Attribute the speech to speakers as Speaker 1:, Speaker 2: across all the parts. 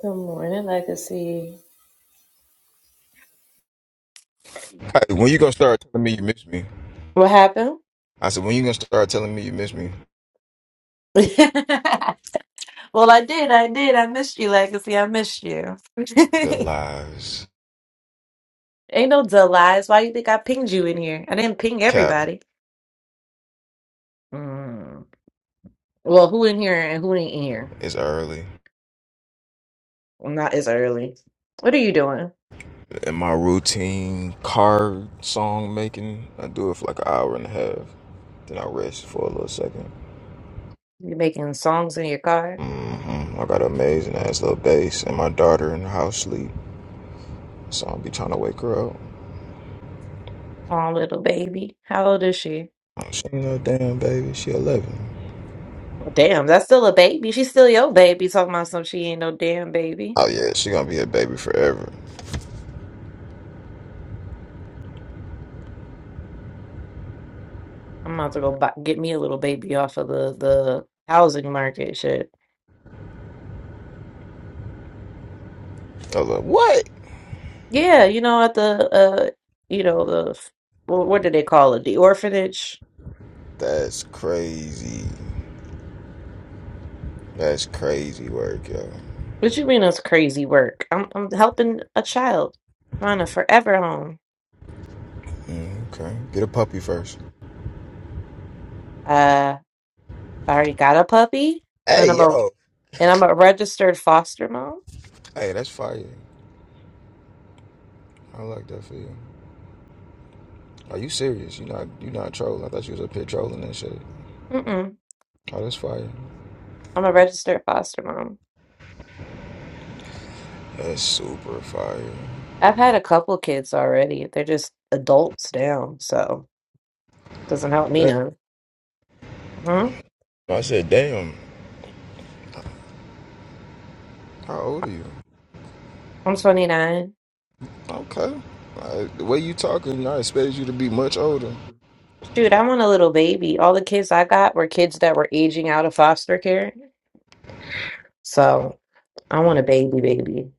Speaker 1: Good morning, Legacy.
Speaker 2: Hey, when you gonna start telling me you miss me?
Speaker 1: What happened?
Speaker 2: I said, when you gonna start telling me you miss me?
Speaker 1: well, I did. I did. I missed you, Legacy. I missed you.
Speaker 2: The lies.
Speaker 1: Ain't no delights. Why you think I pinged you in here? I didn't ping
Speaker 2: Cap
Speaker 1: everybody. Mm. Well, who in here and who ain't in here?
Speaker 2: is early.
Speaker 1: Well, Not as early. What are you doing?
Speaker 2: In my routine car song making, I do it for like an hour and a half. Then I rest for a little 2nd
Speaker 1: You making songs in your car?
Speaker 2: hmm I got an amazing ass little bass, and my daughter in the house sleep, so I'll be trying to wake her up.
Speaker 1: Oh, little baby. How old is she?
Speaker 2: Oh, She ain't no damn baby. She 11.
Speaker 1: Damn, that's still a baby. She's still your baby. Talking about some she ain't no damn baby.
Speaker 2: Oh yeah, she gonna be a baby forever.
Speaker 1: I'm about to go buy, get me a little baby off of the the housing market shit.
Speaker 2: I was like, what?
Speaker 1: Yeah, you know at the uh you know the wh- what do they call it? The orphanage.
Speaker 2: That's crazy. That's crazy work, yo.
Speaker 1: What you mean it's crazy work? I'm I'm helping a child find a forever home.
Speaker 2: Mm, okay. Get a puppy first.
Speaker 1: Uh, I already got a puppy, and
Speaker 2: Hey,
Speaker 1: I'm a
Speaker 2: yo.
Speaker 1: and I'm a registered foster mom.
Speaker 2: Hey, that's fire. I like that for you. Are you serious? You not you not trolling? I thought you was up here trolling and shit.
Speaker 1: Mm-mm,
Speaker 2: Oh, that's fire.
Speaker 1: I'm a registered foster mom.
Speaker 2: That's super fire.
Speaker 1: I've had a couple kids already. They're just adults now, so doesn't help me
Speaker 2: Damn.
Speaker 1: none. Hmm?
Speaker 2: I said, damn. How old are you?
Speaker 1: I'm 29.
Speaker 2: Okay. Like, the way you talking, I expected you to be much older.
Speaker 1: Dude, I want a little baby. All the kids I got were kids that were aging out of foster care. So I want a baby, baby.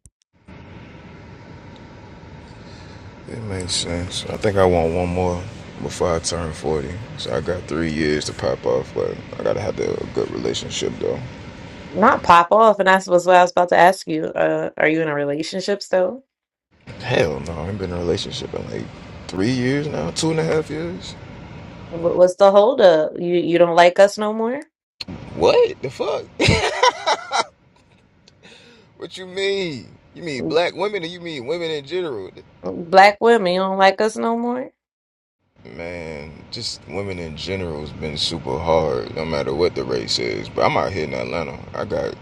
Speaker 2: It makes sense. I think I want one more before I turn 40. So I got three years to pop off, but I gotta have the, a good relationship though.
Speaker 1: Not pop off. And that's was what I was about to ask you. Uh, are you in a relationship still?
Speaker 2: Hell no, I've been in a relationship in like three years now, two and a half years.
Speaker 1: Wh- What's the holdup? You you don't like us no more?
Speaker 2: What the fuck? what you mean? You mean black women or you mean women in general?
Speaker 1: Black women, you don't like us no more?
Speaker 2: Man, just women in general has been super hard, no matter what the race is. But I'm out here in Atlanta. I got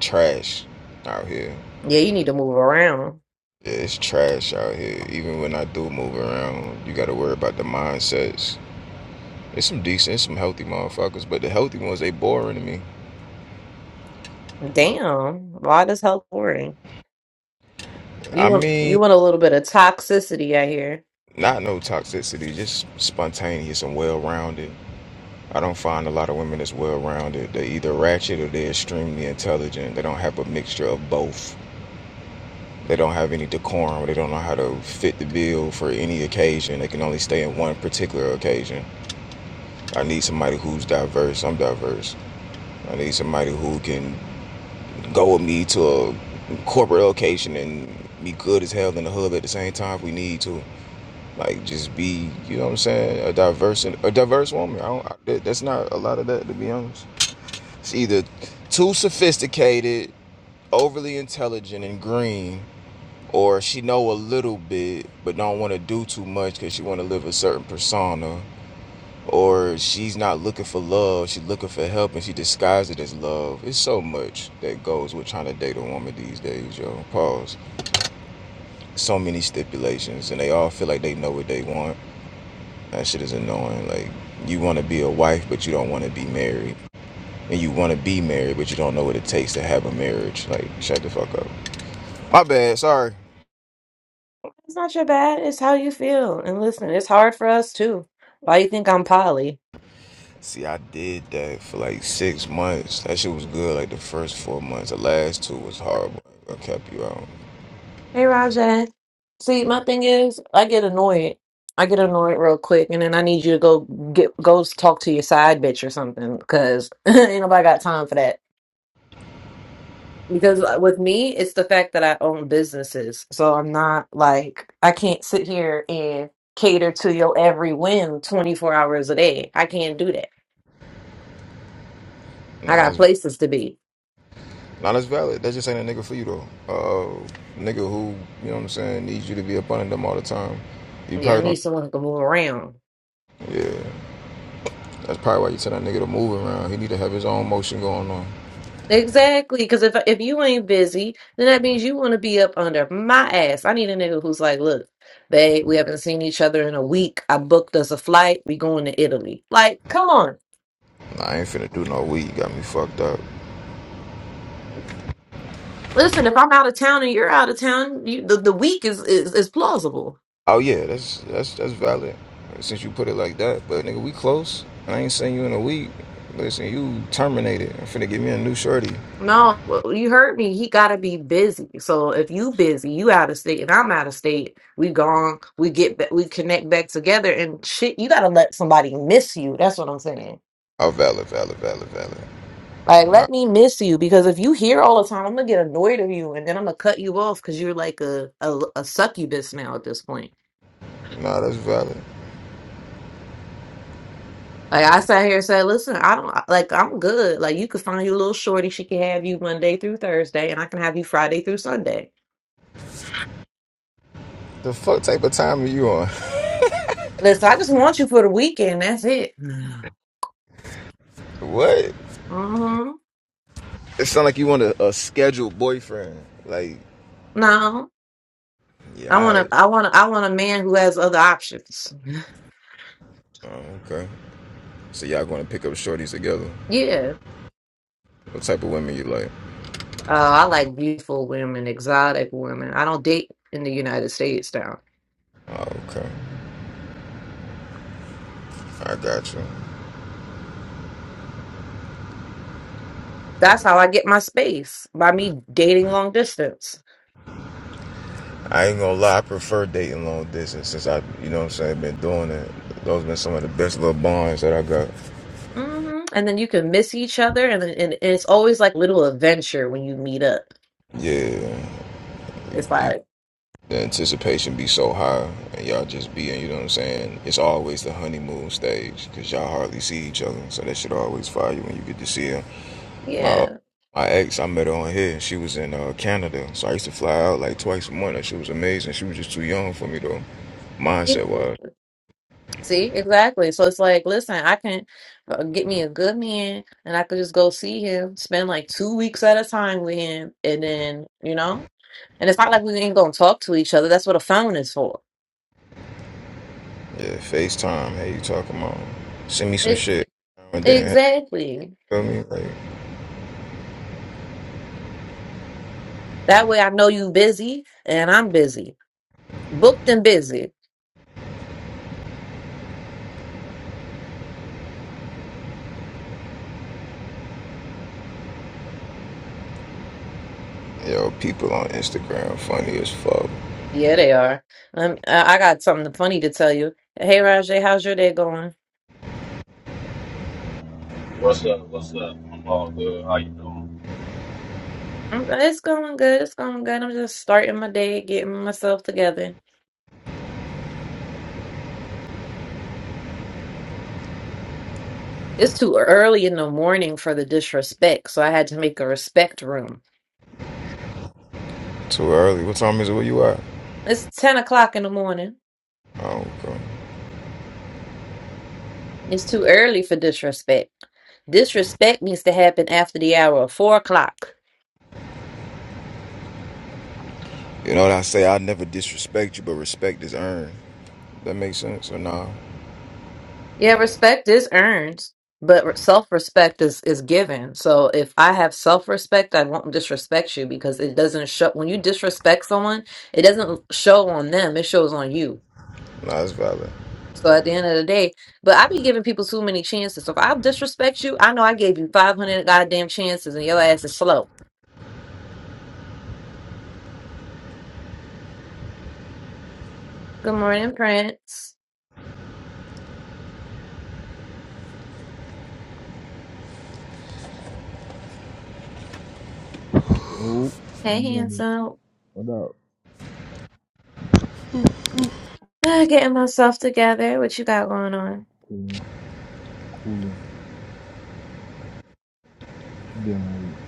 Speaker 2: trash out here.
Speaker 1: Yeah, you need to move around.
Speaker 2: Yeah, it's trash out here. Even when I do move around, you gotta worry about the mindsets. There's some decent, there's some healthy motherfuckers, but the healthy ones, they boring to me.
Speaker 1: Damn, why this hell boring? You
Speaker 2: I
Speaker 1: want you
Speaker 2: mean,
Speaker 1: want a little bit of toxicity, I hear.
Speaker 2: Not no toxicity, just spontaneous and well rounded. I don't find a lot of women that's well rounded. They're either ratchet or they're extremely intelligent. They don't have a mixture of both. They don't have any decorum. They don't know how to fit the bill for any occasion. They can only stay in one particular occasion. I need somebody who's diverse. I'm diverse. I need somebody who can go with me to a corporate location and be good as hell in the hub at the same time if we need to. Like just be, you know what I'm saying, a diverse a diverse woman. I don't. I, that's not a lot of that to be honest. It's either too sophisticated, overly intelligent and green, or she know a little bit but don't want to do too much because she want to live a certain persona, or she's not looking for love. She's looking for help and she disguises it as love. It's so much that goes with trying to date a woman these days, yo. Pause. So many stipulations and they all feel like they know what they want That shit is annoying. Like, you want to be a wife, but you don't want to be married. And you want to be married, but you don't know what it takes to have a marriage. Like, shut the fuck up. My bad. Sorry.
Speaker 1: It's not your bad. It's how you feel. And listen, it's hard for us too. Why you think I'm poly?
Speaker 2: See, I did that for like six months. That shit was good. Like the first four months. The last two was horrible. I kept you out.
Speaker 1: Hey, Rajay. See, my thing is, I get annoyed. I get annoyed real quick, and then I need you to go get go talk to your side bitch or something, because ain't nobody got time for that. because uh, with me it's the fact that i own businesses so i'm not like i can't sit here and cater to your every whim 24 hours a day i can't do that i
Speaker 2: Nah,
Speaker 1: got
Speaker 2: that's
Speaker 1: places to be
Speaker 2: nah, that's valid. That just ain't a nigga for you though. Uh, nigga who you know what I'm saying needs you to be up under them all the time. You
Speaker 1: yeah i
Speaker 2: probably
Speaker 1: need
Speaker 2: don't.
Speaker 1: someone who can move around
Speaker 2: Yeah, that's probably why you tell that nigga to move around. He need to have his own motion going on.
Speaker 1: exactly because if if you ain't busy then that means you want to be up under my ass i need a nigga who's like look babe we haven't seen each other in a week i booked us a flight we going to italy like come on
Speaker 2: Nah, I ain't finna do no weed. You got me fucked up.
Speaker 1: Listen, if I'm out of town and you're out of town, you, the, the week is, is is plausible.
Speaker 2: Oh yeah, that's that's that's valid. Since you put it like that, but nigga, we close. I ain't seen you in a week. Listen, you terminated. I'm finna give me a new shorty.
Speaker 1: No, well, you heard me. He gotta be busy. So if you busy, you out of state, and I'm out of state. We gone. We get back. We connect back together, and shit. You gotta let somebody miss you. That's what I'm saying.
Speaker 2: Oh, valid, valid, valid, valid.
Speaker 1: Like,
Speaker 2: Nah,
Speaker 1: let me miss you because if you here all the time, I'm gonna get annoyed of you, and then I'm gonna cut you off because you're like a, a a succubus now at this point.
Speaker 2: nah, that's valid.
Speaker 1: Like I sat here and said, listen, I don't like. I'm good. Like you could find your little shorty. She can have you Monday through Thursday, and I can have you Friday through Sunday.
Speaker 2: The fuck type of time are you on?
Speaker 1: Listen, I just want you for the weekend. That's it.
Speaker 2: what?
Speaker 1: hmm
Speaker 2: It sound like you want a, a scheduled boyfriend. Like,
Speaker 1: No, I
Speaker 2: yeah, all
Speaker 1: want to.
Speaker 2: right.
Speaker 1: I want. to. I want a man who has other options.
Speaker 2: Oh, okay. So y'all going to pick up shorties together?
Speaker 1: Yeah.
Speaker 2: What type of women you like?
Speaker 1: Uh, I like beautiful women, exotic women. I don't date in the United States now.
Speaker 2: Oh, okay. I got you.
Speaker 1: That's how I get my space by me dating long distance.
Speaker 2: I ain't gonna lie, I prefer dating long distance since I, you know what I'm saying, been doing it. Those been some of the best little bonds that I got.
Speaker 1: hmm And then you can miss each other, and, then- and and it's always like little adventure when you meet up.
Speaker 2: Yeah,
Speaker 1: It's like,
Speaker 2: the anticipation be so high, and y'all just be you know what I'm saying? It's always the honeymoon stage, because y'all hardly see each other, so that should always fire you when you get to see her. My,
Speaker 1: yeah.
Speaker 2: my ex, I met her on here, she was in uh, Canada, so I used to fly out like twice a month, and she was amazing. She was just too young for me, though, mindset-wise.
Speaker 1: See, exactly. So it's like, listen, I can uh, get me a good man and I could just go see him, spend like two weeks at a time with him, and then, you know, and it's not like we ain't gonna talk to each other. That's what a phone is for.
Speaker 2: Yeah, FaceTime, hey, you talking about? Send me some
Speaker 1: It,
Speaker 2: shit. and then.
Speaker 1: exactly.
Speaker 2: feel me? Like,
Speaker 1: That way I know you busy and I'm busy. Booked and busy.
Speaker 2: yo, people on Instagram funny as fuck.
Speaker 1: Yeah, they are. Um, I I got something funny to tell you. Hey, Rajay, how's your day going?
Speaker 3: What's up? What's up? I'm all good. How you doing?
Speaker 1: "Mm, It's going good. It's going good. I'm just starting my day, getting myself together. It's too early in the morning for the disrespect, so I had to make a respect room.
Speaker 2: Too early. What time is it? Where you at?
Speaker 1: It's 10 o'clock in the morning.
Speaker 2: Oh, okay.
Speaker 1: It's too early for disrespect. Disrespect needs to happen after the hour of 4 o'clock.
Speaker 2: You know what I say? I never disrespect you, but respect is earned. That makes sense or nah?
Speaker 1: Yeah, respect is earned, but self respect is, is given. So if I have self respect, I won't disrespect you because it doesn't show. When you disrespect someone, it doesn't show on them, it shows on you
Speaker 2: Nah, it's valid.
Speaker 1: So at the end of the day, but I be giving people too many chances. So if I disrespect you, I know I gave you 500 goddamn chances and your ass is slow. Good morning, Prince.
Speaker 4: Oh,
Speaker 1: Hey,
Speaker 4: good morning.
Speaker 1: handsome.
Speaker 4: What up,
Speaker 1: Ah, Getting myself together. What you got going on?
Speaker 4: Cooling, cooling. what you dealing with?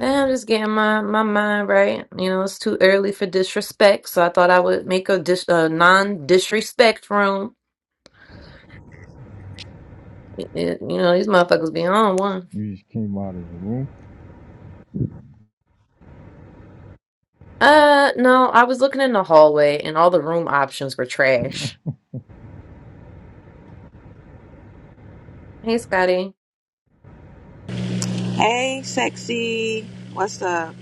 Speaker 1: Eh, I'm just getting my, my mind right. You know, it's too early for disrespect, so I thought I would make a, dis- a non-disrespect room. Y- y- You know, these motherfuckers be on one.
Speaker 4: You just came out of the room.
Speaker 1: Uh, no, I was looking in the hallway and all the room options were trash. Hey, Scotty.
Speaker 5: Hey, sexy. What's up?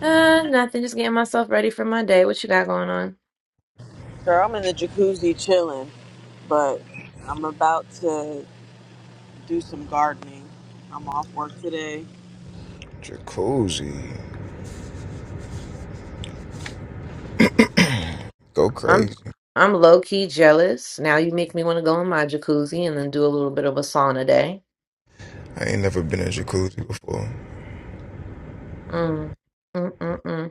Speaker 1: Uh, nothing. Just getting myself ready for my day. What you got going on?
Speaker 5: Girl, I'm in the jacuzzi chilling, but I'm about to do some gardening. I'm off work today.
Speaker 2: Jacuzzi. Go
Speaker 1: I'm
Speaker 2: crazy.
Speaker 1: I'm low key jealous. Now you make me want to go in my jacuzzi and then do a little bit of a sauna day.
Speaker 2: I ain't never been in a jacuzzi before.
Speaker 1: Mm. Mm-mm-mm.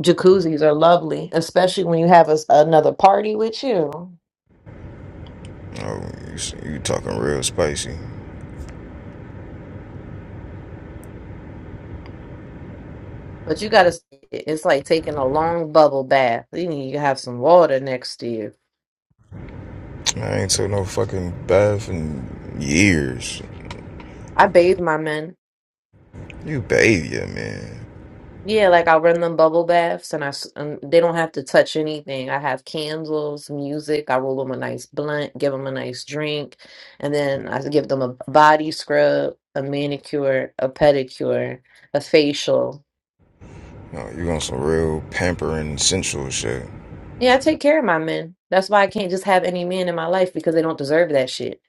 Speaker 1: Jacuzzis are lovely, especially when you have a, another party with you.
Speaker 2: Oh, you, you talking real spicy.
Speaker 1: But you gotta, it's like taking a long bubble bath. You need to have some water next to you.
Speaker 2: I ain't took no fucking bath in years.
Speaker 1: I bathe my men.
Speaker 2: You baby, man.
Speaker 1: Yeah, like I run them bubble baths and I s- and they don't have to touch anything. I have candles, music, I roll them a nice blunt, give them a nice drink, and then I give them a body scrub, a manicure, a pedicure, a facial.
Speaker 2: No, you on some real pampering sensual shit.
Speaker 1: Yeah, I take care of my men. That's why I can't just have any men in my life because they don't deserve that shit.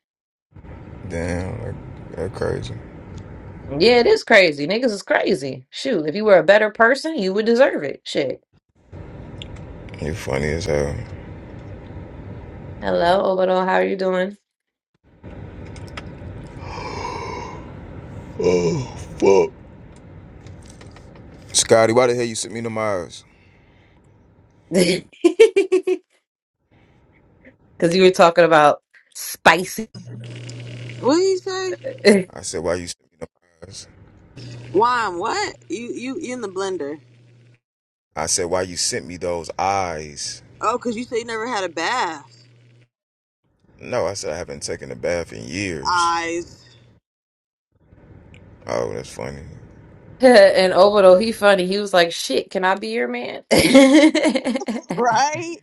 Speaker 2: Damn, like, that crazy.
Speaker 1: Yeah, it is crazy. Niggas is crazy. Shoot, if you were a better person, you would deserve it. Shit.
Speaker 2: You funny as hell.
Speaker 1: Hello, Obado, how are you doing?
Speaker 2: Oh, fuck. Scotty, why the hell you sent me them eyes?
Speaker 1: Because you were talking about spicy.
Speaker 5: What did you say?
Speaker 1: and
Speaker 2: I said, why you sent me them eyes?
Speaker 5: Wine, what? You you you in the blender.
Speaker 2: I said, why you sent me those eyes?
Speaker 5: Oh, 'cause you say you never had a bath.
Speaker 2: No, I said, I haven't taken a bath in years.
Speaker 5: Eyes.
Speaker 2: Oh, that's funny.
Speaker 1: Obado, he funny. He was like, "Shit, can I be your man?" and
Speaker 5: Right?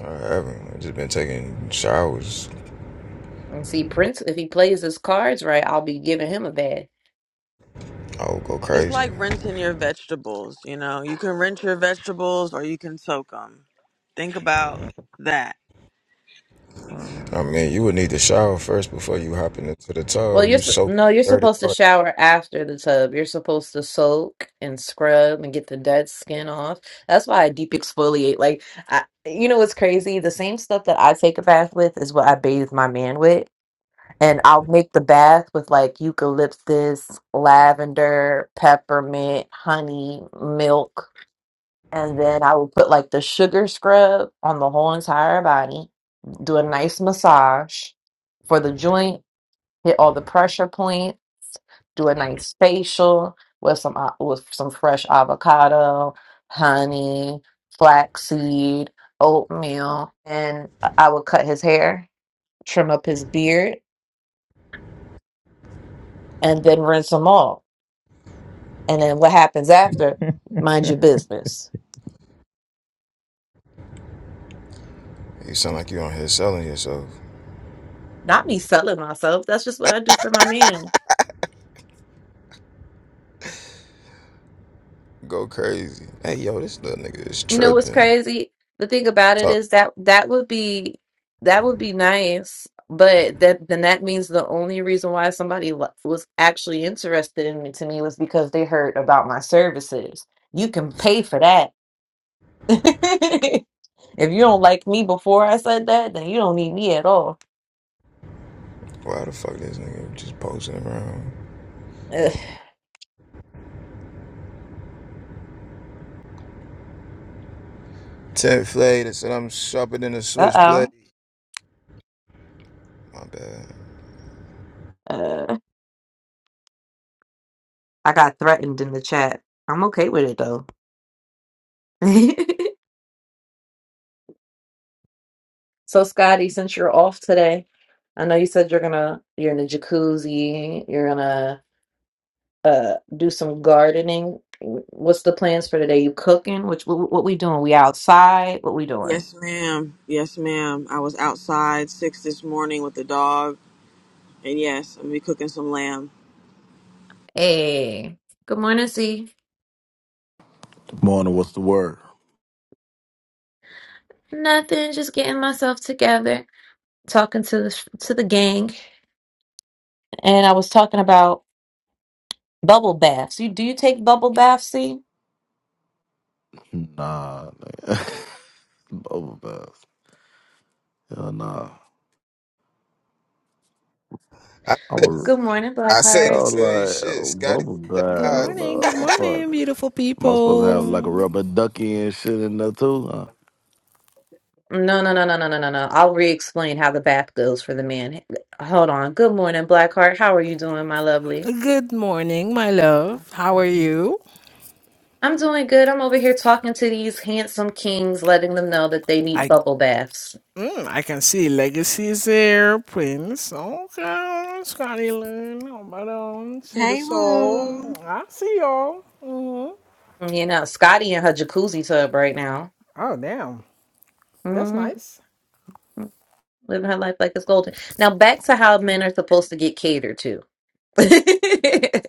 Speaker 2: I haven't. i just been taking showers.
Speaker 1: see, Prince, if he plays his cards right, I'll be giving him a bad.
Speaker 2: I would go
Speaker 5: It's
Speaker 2: crazy.
Speaker 5: like rinsing your vegetables, you know? You can rinse your vegetables or you can soak them. Think about that.
Speaker 1: Mm.
Speaker 2: I mean, you would need to shower first before you hopping into the
Speaker 1: Well,
Speaker 2: tub.
Speaker 1: you're
Speaker 2: You
Speaker 1: su-
Speaker 2: soaking
Speaker 1: no,
Speaker 2: in
Speaker 1: you're
Speaker 2: dirty
Speaker 1: supposed to
Speaker 2: water.
Speaker 1: shower after the tub. You're supposed to soak and scrub and get the dead skin off. That's why I deep exfoliate. Like, I, you know what's crazy? The same stuff that I take a bath with is what I bathe my man with. and I'll make the bath with like eucalyptus, lavender, peppermint, honey, milk, and then I will put like the sugar scrub on the whole entire body, do a nice massage for the joint, hit all the pressure points, do a nice facial with some a- with some fresh avocado, honey, flaxseed, oatmeal, and I would cut his hair, trim up his beard, and then rinse him off And then what happens after? Mind your business.
Speaker 2: You sound like you on here selling yourself.
Speaker 1: Not me selling myself. That's just what I do for my man.
Speaker 2: Go crazy. Hey, yo, this little nigga is
Speaker 1: You know what's
Speaker 2: tripping.
Speaker 1: crazy? The thing about it
Speaker 2: Talk to
Speaker 1: is that that would be that would be nice, but that then that means the only reason why somebody wa- was actually interested in me to me was because they heard about my services. You can pay for that. if you don't like me before I said that, then you don't need me at all.
Speaker 2: Why the fuck this nigga just posting around?
Speaker 1: Ugh.
Speaker 2: Ted Flay that said I'm sharper than a switchblade.
Speaker 1: Uh-oh.
Speaker 2: My bad.
Speaker 1: Uh, I got threatened in the chat. I'm okay with it though. so Scotty, since you're off today, I know you said you're gonna you're in the jacuzzi, you're gonna uh do some gardening. Wh- What's the plans for today? You cooking? Which what, what we doing? We outside? What we doing?
Speaker 5: Yes, ma'am. Yes, ma'am. I was outside six this morning with the dog And yes, I'm gonna be cooking some lamb.
Speaker 1: Hey, good morning, Z.
Speaker 6: Morning, what's the word?
Speaker 1: Nothing, just getting myself together, talking to the to the gang, and I was talking about bubble baths. You do you take bubble baths, Z?
Speaker 6: Nah, nigga. bubble bath. Hell nah.
Speaker 2: I
Speaker 6: I'm
Speaker 2: said
Speaker 6: a,
Speaker 2: this,
Speaker 1: Good morning,
Speaker 2: I say
Speaker 1: Blackheart.
Speaker 2: the
Speaker 6: hell
Speaker 2: same
Speaker 6: like,
Speaker 2: shit.
Speaker 6: oh,
Speaker 2: Scotty
Speaker 6: bubble
Speaker 2: said the
Speaker 7: Good
Speaker 2: eyes.
Speaker 7: morning, good
Speaker 6: bath. uh,
Speaker 7: morning,
Speaker 6: Fuck.
Speaker 7: beautiful
Speaker 6: Am I supposed to have like a
Speaker 7: people.
Speaker 6: rubber ducky and shit in there too? Huh?
Speaker 1: No, no, no, no, no, no, no, no. I'll re-explain how the bath goes for the man. Hold on. Good morning, Blackheart. How are you doing, my lovely?
Speaker 7: Good morning, my love. How are you?
Speaker 1: I'm doing good. I'm over here talking to these handsome kings, letting them know that they need
Speaker 7: I
Speaker 1: bubble baths.
Speaker 7: mm, I can see legacies there, Prince. Okay, Scotty Loon. But um, see the
Speaker 5: Hey
Speaker 7: soul.
Speaker 5: Lou.
Speaker 7: I see y'all. hmm
Speaker 1: Mm, You know, Scotty in her jacuzzi tub right now.
Speaker 7: Oh damn, that's
Speaker 1: hmm
Speaker 7: nice.
Speaker 1: Living her life like it's golden. Now back to how men are supposed to get catered to. like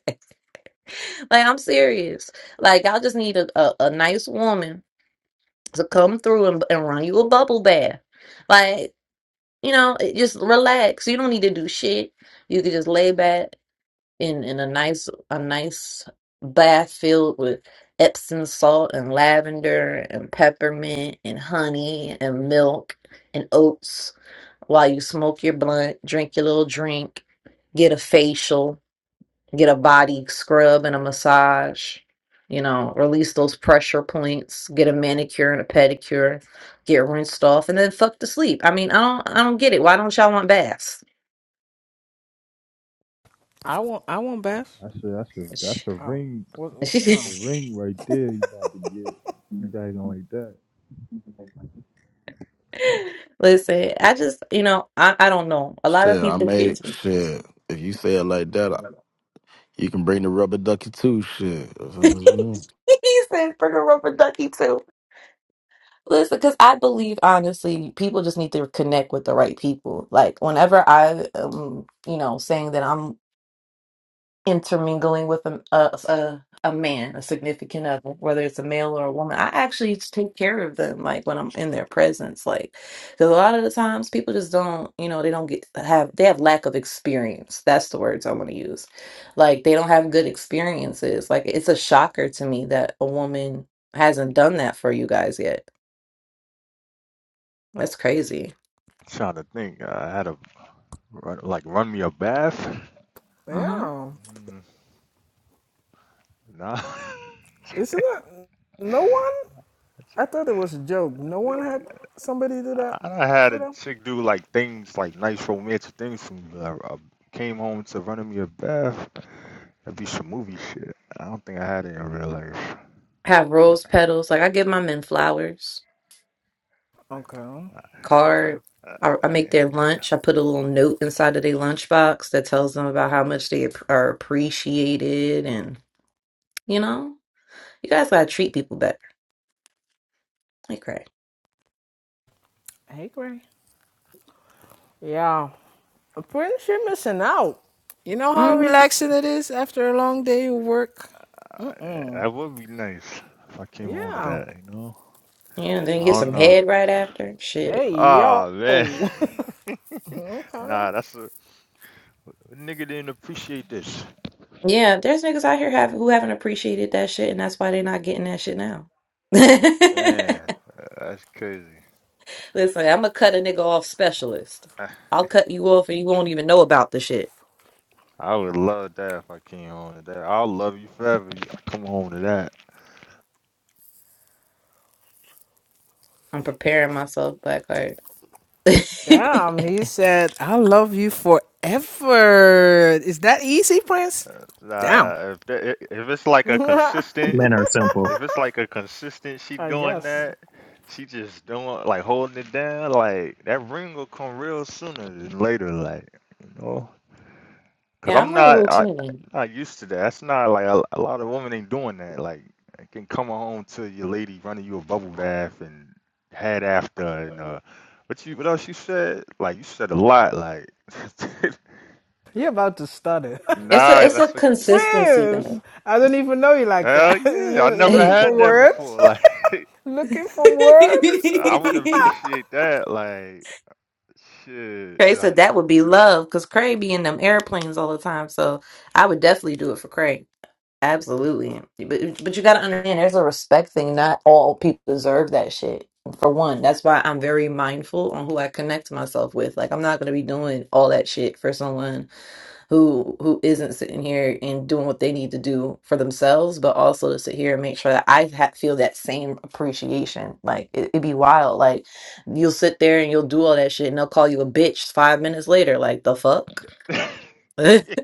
Speaker 1: I'm serious. Like y'all just need a, a, a nice woman to come through and, and run you a bubble bath. Like, you know, it- just relax. You don't need to do shit. You could just lay back in, in a nice a nice bath filled with Epsom salt and lavender and peppermint and honey and milk and oats while you smoke your blunt, drink your little drink, get a facial get a body scrub and a massage, you know, release those pressure points, get a manicure and a pedicure, get rinsed off, and then fuck to sleep. I mean, I don't I don't get it. Why don't y'all want baths?
Speaker 7: I want I want Beth.
Speaker 4: That's a that's a
Speaker 1: Sh-
Speaker 4: that's a
Speaker 7: Oh,
Speaker 4: ring.
Speaker 7: what, what,
Speaker 4: That's a
Speaker 7: oh,
Speaker 4: ring right there. You about to get keep acting like that.
Speaker 1: Listen, I just you know, I, I don't know. A lot of
Speaker 6: Shit, I
Speaker 1: people
Speaker 6: made,
Speaker 1: get
Speaker 6: shit. If you say it like that, I, you can bring the rubber ducky too, shit.
Speaker 1: he said bring a rubber ducky too. Listen, because I believe honestly, people just need to connect with the right people. Like whenever I um, you know, saying that I'm intermingling with a, a, a, a man, a significant other, whether it's a male or a woman. I actually take care of them, like when I'm in their presence, like because a lot of the times people just don't, you know, they don't get have they have lack of experience. That's the words I want to use. Like they don't have good experiences. Like it's a shocker to me that a woman hasn't done that for you guys yet. That's crazy.
Speaker 4: Trying to think. uh, I had a run, like run me a bath.
Speaker 1: hmm
Speaker 7: yeah.
Speaker 4: Mm, nah,
Speaker 7: Isn't that no one? I thought it was a joke. No one had somebody do that
Speaker 4: I done had
Speaker 7: for
Speaker 4: a
Speaker 7: them.
Speaker 4: chick do like things like nice romantic things from uh, uh, came home to running me a bath. That'd be some movie shit. I don't think I had it in real life.
Speaker 1: Have rose petals. Like I give my men flowers.
Speaker 7: Okay.
Speaker 1: card. I, I
Speaker 4: Uh,
Speaker 1: make their lunch. I put a little note inside of their lunchbox that tells them about how much they ap- are appreciated, and you know, you guys gotta treat people better. Like, right?
Speaker 7: Hey, Gray. Yeah, apprentice, you're missing out. You know how
Speaker 1: Mm,
Speaker 7: relaxing it is after a long day of work? Mm.
Speaker 4: That would be nice if I came home to
Speaker 7: Yeah.
Speaker 4: that, you know?
Speaker 1: yeah. Then you
Speaker 4: I
Speaker 1: get
Speaker 4: don't
Speaker 1: some
Speaker 4: know.
Speaker 1: head right after. Shit.
Speaker 7: Hey, yo.
Speaker 4: Ah, man.
Speaker 7: okay.
Speaker 4: nah, that's a nigga didn't appreciate this.
Speaker 1: Yeah, there's niggas out here have who haven't appreciated that shit, and that's why they're not getting that shit now.
Speaker 4: Man, that's crazy.
Speaker 1: Listen, I'm gonna cut a nigga off specialist.
Speaker 4: I
Speaker 1: I'll cut you off and you won't even know about the shit.
Speaker 4: I would love that if I came home to that. I'll love you forever. if I come home to that.
Speaker 1: I'm preparing myself, black heart.
Speaker 7: Damn, he said, I love you forever. Is that easy, Prince?
Speaker 4: Uh,
Speaker 7: Damn.
Speaker 4: Nah, if that, if it's like a
Speaker 7: I
Speaker 4: consistent,
Speaker 8: Men are simple.
Speaker 4: if it's like a consistent, she doing
Speaker 7: guess.
Speaker 4: that, she just doing like holding it down. Like that ring will come real sooner than later. Like you know. Cause
Speaker 1: Yeah,
Speaker 4: I'm
Speaker 1: I'm real
Speaker 4: not I
Speaker 1: routine.
Speaker 4: not used to that. That's not like a, a lot of women ain't doing that. Like I can come home to your lady running you a bubble bath and head after and uh what you what else you said? Like you said a lot, like
Speaker 7: You're about to stutter.
Speaker 1: It's a
Speaker 4: nah,
Speaker 1: it's a
Speaker 4: that's a
Speaker 1: consistency
Speaker 7: Prince!
Speaker 1: thing.
Speaker 7: I don't even know you like
Speaker 4: hell
Speaker 7: that.
Speaker 4: yeah. I
Speaker 7: You're
Speaker 4: never
Speaker 7: looking for
Speaker 4: had that
Speaker 7: words?
Speaker 4: before. Like
Speaker 7: looking for words?
Speaker 4: I would appreciate that, like shit.
Speaker 1: Cray
Speaker 4: Yeah,
Speaker 1: said that would be love because Cray be in them airplanes all the time. So I would definitely do it for Cray. Absolutely. But but you gotta understand there's a respect thing. Not all people deserve that shit. For one, that's why I'm very mindful on who I connect myself with. Like I'm not gonna be doing all that shit for someone who who isn't sitting here and doing what they need to do for themselves, but also to sit here and make sure that I ha- feel that same appreciation. Like it, it'd be wild. Like you'll sit there and you'll do all that shit, and they'll call you a bitch five minutes later. Like the fuck. like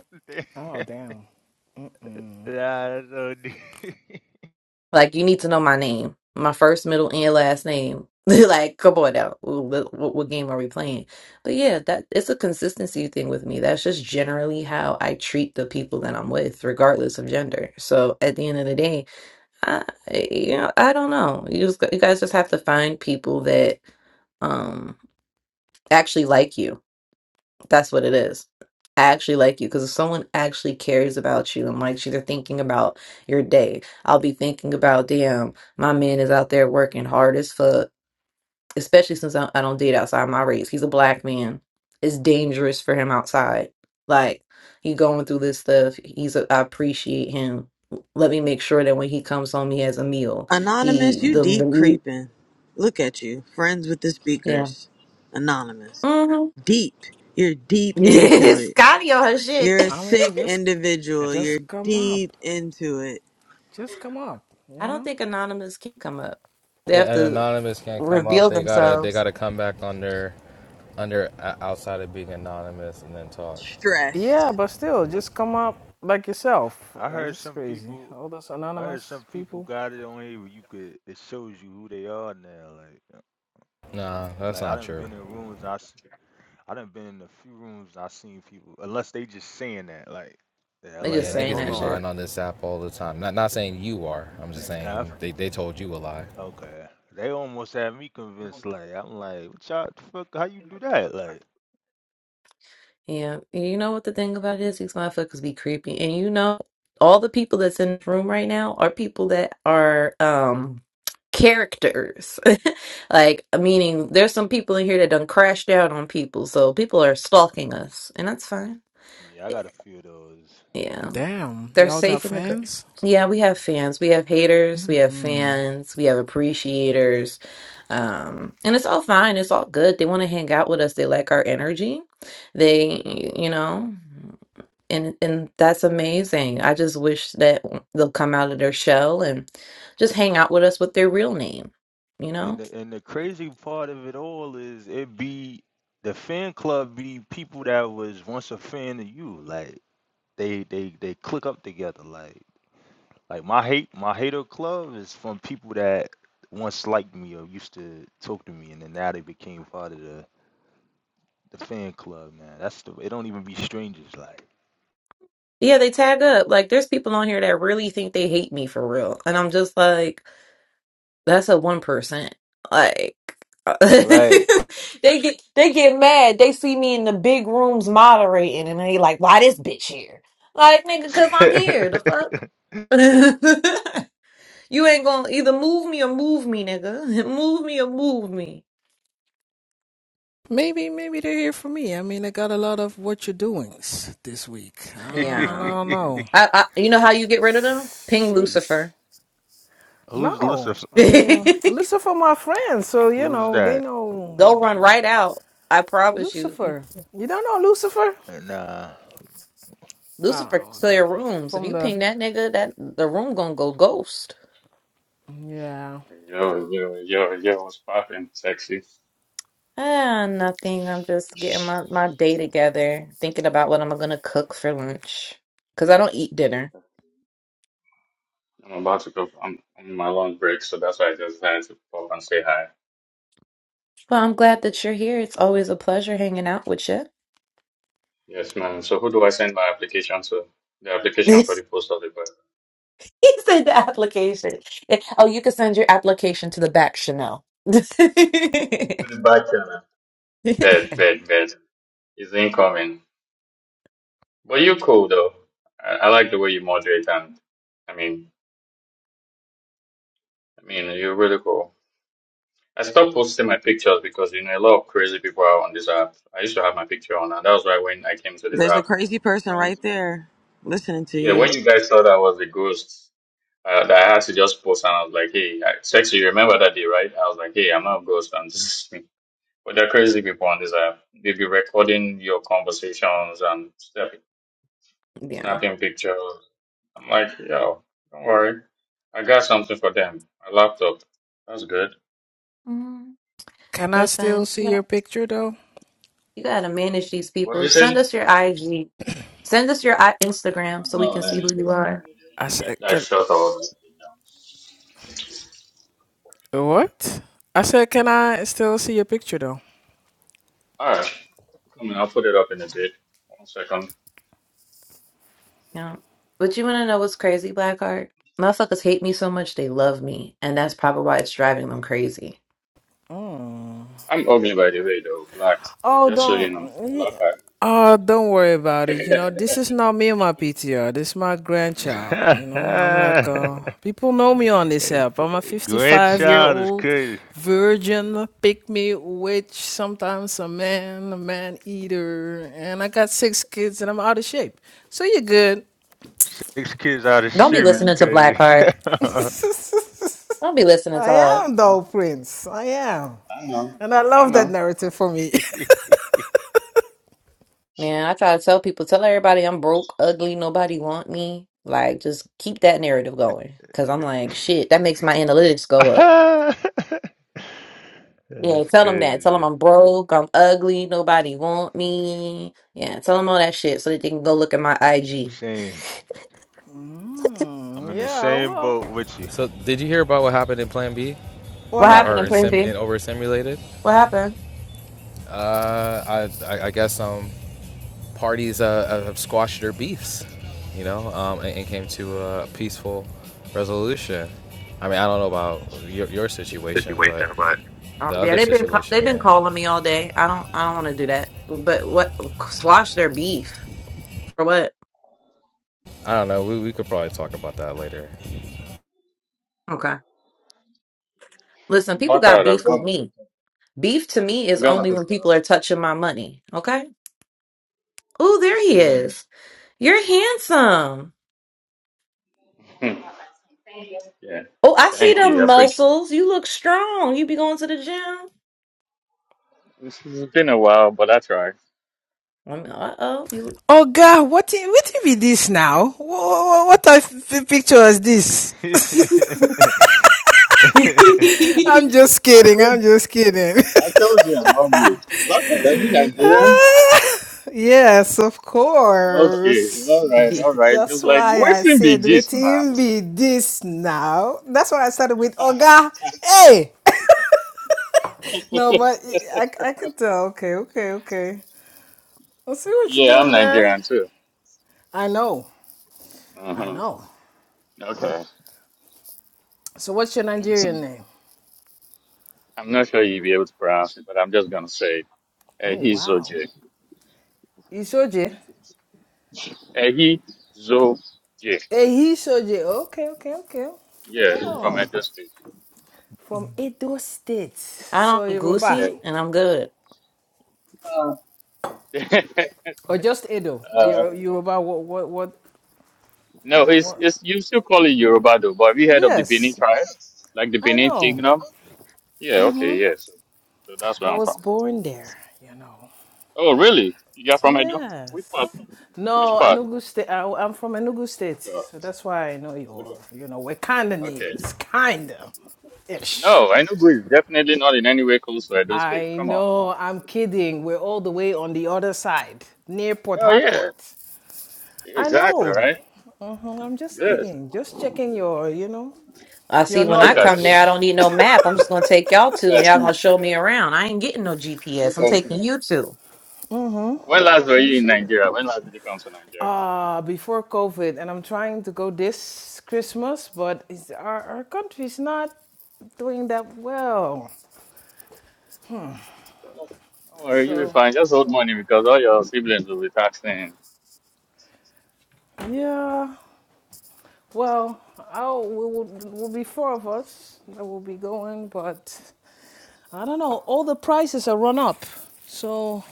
Speaker 7: Oh damn. Mm-mm.
Speaker 4: Nah, that's so deep.
Speaker 1: you need to know my name, my first, middle, and last name. like come on now, what, what, what game are we playing? But yeah, that it's a consistency thing with me. That's just generally how I treat the people that I'm with, regardless of gender. So at the end of the day I, you know, I don't know. You just, you guys just have to find people that um actually like you. That's what it is. actually like you because if someone actually cares about you and likes you, they're thinking about your day. I'll be thinking about, damn, my man is out there working hard as fuck especially since I, I don't date outside my race. He's a black man. It's dangerous for him outside. Like he going through this stuff. He's a, I appreciate him. Let me make sure that when he comes home, he has a meal. He
Speaker 5: Anonymous, you
Speaker 1: the the
Speaker 5: deep
Speaker 1: meat-
Speaker 5: creeping. Look at you. Friends with the
Speaker 1: yeah.
Speaker 5: speakers. Anonymous.
Speaker 1: Mm-hmm.
Speaker 5: Deep. You're deep into
Speaker 1: Yes,
Speaker 5: it.
Speaker 1: Scotty on her shit.
Speaker 5: You're a
Speaker 7: I mean,
Speaker 5: sick
Speaker 7: just
Speaker 5: individual. You're
Speaker 7: just come up,
Speaker 5: deep into it.
Speaker 7: just come up.
Speaker 1: I
Speaker 7: You
Speaker 1: don't
Speaker 7: know.
Speaker 1: think anonymous can come up. They have
Speaker 9: Yeah, an
Speaker 1: to
Speaker 9: anonymous can't come up.
Speaker 1: reveal
Speaker 9: They gotta they
Speaker 1: themselves.
Speaker 9: gotta come back under under uh, outside of being anonymous and then talk.
Speaker 7: Yeah,
Speaker 5: Stressed.
Speaker 7: but still, just come up like yourself.
Speaker 4: I
Speaker 7: Uh,
Speaker 4: heard
Speaker 7: this is
Speaker 4: some
Speaker 7: crazy.
Speaker 4: people
Speaker 7: All those
Speaker 4: I heard
Speaker 7: anonymous
Speaker 4: some people
Speaker 7: people.
Speaker 4: got it on here where you could it shows you who they are now. Like, uh,
Speaker 9: Nah, that's
Speaker 4: like I
Speaker 9: not
Speaker 4: done
Speaker 9: true.
Speaker 4: been in rooms. I s- I done been in a few rooms. I seen people unless they just saying that. Like, yeah,
Speaker 1: They
Speaker 4: like
Speaker 1: just
Speaker 9: Yeah,
Speaker 4: hey,
Speaker 1: saying
Speaker 9: niggas
Speaker 4: hold
Speaker 1: that
Speaker 9: be
Speaker 4: on.
Speaker 1: shit.
Speaker 9: lying on this app all the time. Not not saying you are. I'm just
Speaker 4: Nah, I
Speaker 9: saying
Speaker 4: f-
Speaker 9: they, they told you a lie.
Speaker 4: okay. They almost had me convinced. Like, I'm like, what y'all the fuck? How you do that? Like,
Speaker 1: Yeah, you know what the thing about it is? These motherfuckers be creepy, and you know all the people that's in the room right now are people that are um characters, like meaning there's some people in here that done crashed out on people, so people are stalking us, and that's fine.
Speaker 4: yeah, I got a few of those.
Speaker 1: Yeah,
Speaker 7: Damn,
Speaker 1: they're
Speaker 7: y'all got
Speaker 1: safe in the. group.
Speaker 7: fans.
Speaker 1: Yeah, we have fans, we have haters, we have fans, we have appreciators, um, and it's all fine. It's all good. They want to hang out with us. They like our energy. They, you know and and that's amazing. I just wish that w- they'll come out of their shell and just hang out with us with their real name, you
Speaker 4: And
Speaker 1: know?
Speaker 4: the and the crazy part of it all is it be the fan club be people that was once a fan of you. Like they they they click up together. Like. Like my hate, my hater club is from people that once liked me or used to talk to me, and then now they became part of the the fan club. Man, that's the. It don't even be strangers. Like,
Speaker 1: Yeah, they tag up. Like there's people on here that really think they hate me for real. And I'm just like, That's a one percent. Like they
Speaker 4: right?
Speaker 1: get they get mad. They see me in the big rooms moderating, and they like, "Why this bitch here?" Like, nigga, cause I'm here. The fuck. you ain't gonna either move me or move me, nigga. Move me or move me.
Speaker 7: Maybe, maybe they're here for me. I mean, I got a lot of what you're doings this week. I
Speaker 1: Yeah.
Speaker 7: don't know.
Speaker 1: I, I you know how you get rid of them? Ping
Speaker 7: Sheesh.
Speaker 1: Lucifer.
Speaker 4: who's
Speaker 7: No,
Speaker 4: Lucifer?
Speaker 7: I mean,
Speaker 1: They'll
Speaker 7: Lucifer, my friend, so you
Speaker 4: Who's
Speaker 7: know, they
Speaker 4: that?
Speaker 1: run
Speaker 7: know
Speaker 1: right out. I promise you.
Speaker 7: Lucifer. You don't know Lucifer?
Speaker 4: Nah.
Speaker 1: Lucifer
Speaker 7: Oh, okay.
Speaker 1: clear rooms. If
Speaker 7: From
Speaker 1: you
Speaker 7: the
Speaker 1: ping that nigga, that the room gonna go ghost.
Speaker 7: yeah.
Speaker 10: Yo, yo, yo, yo, what's poppin', sexy?
Speaker 1: Ah, nothing. I'm just getting my, my day together, thinking about what I'm gonna cook for lunch. Because I don't eat dinner.
Speaker 10: I'm about to go, I'm I'm on my long break, so that's why I just had to pop and say hi.
Speaker 1: Well, I'm glad that you're here. It's always a pleasure hanging out with you.
Speaker 10: Yes, man. So who do I send my application to? The application for the post of the bed.
Speaker 1: He said the application. Eh, Oh, you can send your application to the back, Chanel.
Speaker 10: To the back channel. Bed, bed, bed. It's incoming. But you cool though. I, I like the way you moderate and, I mean, I mean, you're really cool. I stopped posting my pictures because, you know, a lot of crazy people are on this app. I used to have my picture on, and that was why when I came to this
Speaker 5: There's a
Speaker 10: app.
Speaker 5: crazy person right there listening to
Speaker 10: Yeah,
Speaker 5: you.
Speaker 10: when you guys thought I was a ghost, uh, that I had to just post, and I was like, "Hey, I- sexy, you remember that day, right?" I was like, "Hey, I'm not a ghost. I'm just." but they're crazy people on this app. They be recording your conversations and snap-
Speaker 1: Yeah.
Speaker 10: snapping pictures. I'm like, "Yo, don't worry, I got something for them. A laptop. That's good."
Speaker 1: Mm,
Speaker 7: Can I still
Speaker 1: Listen,
Speaker 7: see your picture though?
Speaker 1: you gotta manage these
Speaker 10: What you
Speaker 1: people. Send
Speaker 10: say?
Speaker 1: us your IG. Send us your I-
Speaker 10: I
Speaker 1: Instagram
Speaker 10: don't
Speaker 1: so we can
Speaker 10: on
Speaker 1: see
Speaker 10: any
Speaker 1: who you
Speaker 10: social
Speaker 1: are.
Speaker 7: I said,
Speaker 10: media. I, I
Speaker 7: can
Speaker 10: shut all that shit down.
Speaker 7: what? I said, can I still see your picture though?
Speaker 10: All right, come on, I'll put it up in a bit. One second.
Speaker 1: Yeah. But you want to know what's crazy, Blackheart? Motherfuckers hate me so much they love me, and that's probably why it's driving them crazy.
Speaker 7: Oh.
Speaker 10: I'm ugly by the way, though. Black.
Speaker 7: Oh,
Speaker 10: Just so you
Speaker 7: don't.
Speaker 10: know. Black
Speaker 7: Yeah.
Speaker 10: out.
Speaker 7: Oh, don't worry about it. You know, this is not me and my PTR. This is my grandchild. You know, I'm like, uh, people know me on this app. I'm a 55 year
Speaker 4: Grandchild is
Speaker 7: old
Speaker 4: crazy.
Speaker 7: virgin, pick me witch, sometimes a man, a man eater, and I got six kids and I'm out of shape. So you're good.
Speaker 4: Six kids out of
Speaker 1: Don't be
Speaker 4: shit is
Speaker 1: listening to
Speaker 4: crazy.
Speaker 1: Blackheart. Don't be listening to
Speaker 7: I
Speaker 1: her.
Speaker 10: I
Speaker 7: am,
Speaker 10: know.
Speaker 7: though, Prince. I am.
Speaker 10: I know.
Speaker 7: And I
Speaker 10: I
Speaker 7: love that
Speaker 10: know.
Speaker 7: narrative for me.
Speaker 1: Man, I try to tell people, tell everybody I'm broke, ugly, nobody want me. Like, just keep that narrative going. Cause I'm like, shit, that makes my analytics go up.
Speaker 4: That's
Speaker 1: Yeah, tell them that. Tell
Speaker 4: crazy.
Speaker 1: them I'm broke, I'm ugly, nobody want me. Yeah, tell them all that shit so that they can go look at my IG.
Speaker 4: Same. I'm
Speaker 7: Mm,
Speaker 4: in the
Speaker 7: yeah,
Speaker 4: same
Speaker 7: well,
Speaker 4: boat with you.
Speaker 9: So did you hear about what happened in Plan B,
Speaker 7: what
Speaker 1: What
Speaker 9: or,
Speaker 1: happened
Speaker 9: or
Speaker 1: in
Speaker 9: in
Speaker 7: happened?
Speaker 1: Plan
Speaker 9: sim in
Speaker 1: B?
Speaker 9: over simulated?
Speaker 1: What happened?
Speaker 9: Uh, I, I I guess um parties uh, uh, squashed their beefs, you know, um, and, and came to a peaceful resolution. I mean, I don't know about your, your situation, but
Speaker 1: Oh,
Speaker 9: the
Speaker 1: yeah,
Speaker 9: other
Speaker 1: they've been ca-
Speaker 9: situation,
Speaker 1: they've been
Speaker 9: yeah.
Speaker 1: calling me all day. I don't I don't want to do that. But what? Squash their beef for what?
Speaker 9: I don't know. We, we could probably talk about that later.
Speaker 1: Okay, listen, people
Speaker 10: Black
Speaker 1: got
Speaker 10: out. I've
Speaker 1: beef
Speaker 10: got
Speaker 1: with
Speaker 10: my picture.
Speaker 1: me. Beef to me
Speaker 10: I
Speaker 1: is
Speaker 10: got my
Speaker 1: only when
Speaker 10: picture.
Speaker 1: people
Speaker 10: up.
Speaker 1: are touching my money. Okay. Oh, there he
Speaker 4: Mm.
Speaker 1: is. You're handsome.
Speaker 10: Hmm. Yeah.
Speaker 1: Oh, I see
Speaker 10: Thank
Speaker 1: the
Speaker 10: you. I appreciate it.
Speaker 1: muscles. You look strong. You be going to the gym.
Speaker 10: It's it's been a while, but I try.
Speaker 1: Uh oh. You.
Speaker 7: Oga, what i- what be this now? What type of picture is this?
Speaker 1: I
Speaker 7: I'm just kidding. I'm just kidding.
Speaker 10: I told you I'm ugly. Black out. Are you Nigerian?
Speaker 7: yes, of
Speaker 10: Okay.
Speaker 7: course.
Speaker 10: All right. All right.
Speaker 7: That's
Speaker 10: Just like,
Speaker 7: why I
Speaker 10: what's in be
Speaker 7: said, "What
Speaker 10: this now?
Speaker 7: him be this now?" That's why I started with Oga. Hey, no, but I I can tell. Okay, okay, okay. I see what you're
Speaker 10: yeah, I'm
Speaker 7: doing there.
Speaker 10: Nigerian too.
Speaker 7: I know. I
Speaker 10: Uh-huh.
Speaker 7: know.
Speaker 10: Okay.
Speaker 7: So, what's your Nigerian name?
Speaker 10: I'm not sure you'll be able to pronounce it, but I'm just going to say it. Uh,
Speaker 7: Oh
Speaker 10: he's
Speaker 7: wow,
Speaker 10: OJ.
Speaker 7: Isoje.
Speaker 10: Ehi Zo Jie.
Speaker 7: Ehishoje. Okay, okay, okay.
Speaker 10: Yeah, from
Speaker 7: Wow.
Speaker 10: Edo State.
Speaker 7: From Edo State. So
Speaker 1: don't eat
Speaker 7: Yoruba.
Speaker 10: Yeah.
Speaker 1: goosey, and I'm good.
Speaker 10: uh,
Speaker 7: Or just Edo. Or
Speaker 10: uh,
Speaker 7: Yor- Yoruba. What, what, what,
Speaker 10: no,
Speaker 7: what,
Speaker 10: it's
Speaker 7: what?
Speaker 10: it's you still call it Yoruba though, but have you heard of the Benin
Speaker 7: Yes,
Speaker 10: tribe? Like the
Speaker 7: I
Speaker 10: Benin
Speaker 7: know.
Speaker 10: Kingdom? Yeah, okay, yes. So so that's
Speaker 7: I
Speaker 10: where I'm
Speaker 7: was
Speaker 10: from.
Speaker 7: born there, you know.
Speaker 10: Oh really? You are from Edo? Which part?
Speaker 7: Yes.
Speaker 10: Which
Speaker 7: No,
Speaker 10: part?
Speaker 7: Enugu State. I, I'm from Enugu State.
Speaker 10: Oh,
Speaker 7: So that's why I know you're, you know, we're kind of
Speaker 10: Okay.
Speaker 7: neighbors. Kind of. Ish.
Speaker 10: No, Enugu is definitely not in any way close to Edo State.
Speaker 7: I
Speaker 10: Come on.
Speaker 7: know, I'm kidding. We're all the way on the other side, near Port
Speaker 10: Oh yeah.
Speaker 7: Harcourt. I
Speaker 10: Exactly,
Speaker 7: know.
Speaker 10: right?
Speaker 7: hmm I'm just
Speaker 10: Good.
Speaker 7: kidding. Just checking your, you know,
Speaker 1: I
Speaker 7: your
Speaker 1: see
Speaker 10: Oh,
Speaker 1: when I
Speaker 10: look at
Speaker 1: come there, I
Speaker 10: you.
Speaker 7: knowledge.
Speaker 1: don't need no map. I'm just gonna take y'all
Speaker 10: Look
Speaker 1: to and
Speaker 10: at
Speaker 1: y'all gonna
Speaker 10: you.
Speaker 1: show me around. I ain't getting no
Speaker 10: Look
Speaker 1: GPS. I'm
Speaker 10: at you.
Speaker 1: taking you to.
Speaker 10: When last were
Speaker 7: You
Speaker 10: you in
Speaker 7: should.
Speaker 10: Nigeria? When last did you come to Nigeria?
Speaker 7: Uh, before COVID, and I'm trying to go this Christmas, but it's, our, our country's not doing that well.
Speaker 10: So, don't worry, you'll be
Speaker 7: So,
Speaker 10: fine. Just hold money because all your siblings will be taxing.
Speaker 7: yeah, well, I'll, we will, will be four of us that will be going, but I don't know. All the prices are run up. So,